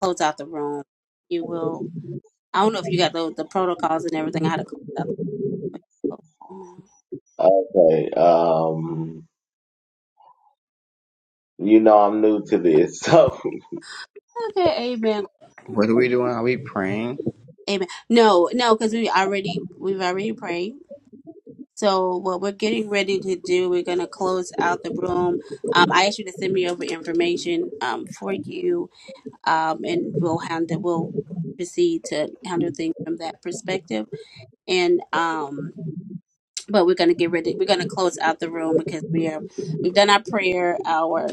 Speaker 2: close out the room. You will I don't know if you got the the protocols and everything. I had to close out. the
Speaker 1: Okay. Um, you know I'm new to this, so
Speaker 2: Okay, amen,
Speaker 4: What are we doing? Are we praying?
Speaker 2: amen. No, no, because we already we've already prayed. So what we're getting ready to do, we're gonna close out the room. Um, I asked you to send me over information um for you, um, and we'll handle we'll proceed to handle things from that perspective. And um, but we're gonna get ready. We're gonna close out the room because we are we've done our prayer hour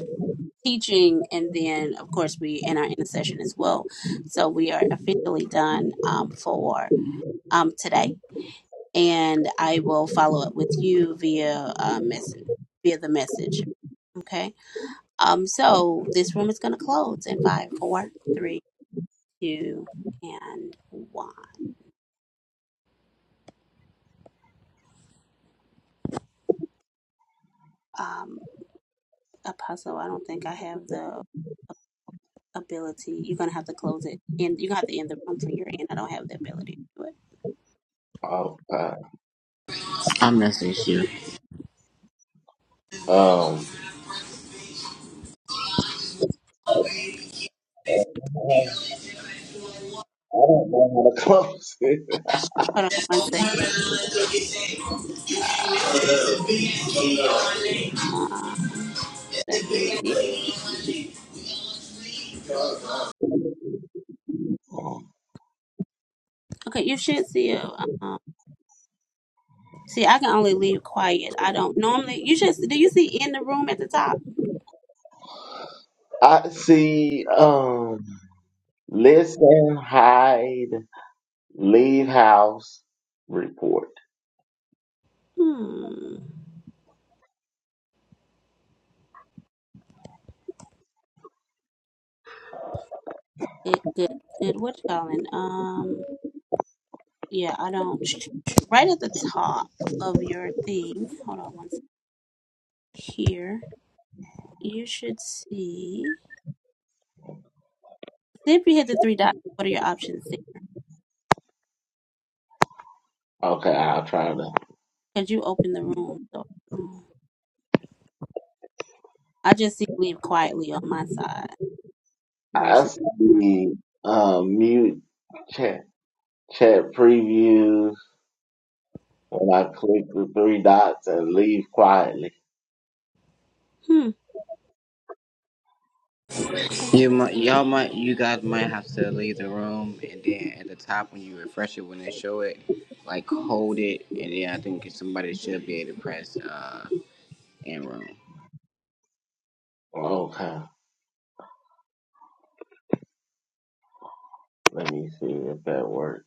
Speaker 2: teaching and then of course we in our intercession as well so we are officially done um, for um, today and i will follow up with you via uh, message via the message okay um so this room is going to close in five four three two and one um apostle i don't think i have the ability you're going to have to close it and you're going to have to end the room from your end i don't have the ability to do it
Speaker 1: oh, God.
Speaker 4: I message you.
Speaker 1: um, I don't know how to close it.
Speaker 2: hold on one second Uh, Um, second. Yeah. Okay, you should see a. Um, see, I can only leave quiet. I don't normally. You should. Do you see in the room at the top?
Speaker 1: I see. Um, listen, hide, leave house, report.
Speaker 2: Hmm. Good. Good. Good. What you calling? Um. Yeah, I don't. Right at the top of your thing. Hold on one second. Here, you should see. See if you hit the three dots. What are your options?
Speaker 1: Okay, I'll try to.
Speaker 2: Because you open the room. So um, I just see leave quietly on my side
Speaker 1: I
Speaker 2: versus.
Speaker 1: see um, mute chat, chat previews when I click the three dots and leave quietly.
Speaker 2: Hmm. Okay,
Speaker 4: You
Speaker 2: that's
Speaker 4: might,
Speaker 2: interesting.
Speaker 4: y'all might, you guys might have to leave the room, and then at the top when you refresh it, when they show it, like hold it, and then I think somebody should be able to press uh in room.
Speaker 1: Okay, let me see if that works.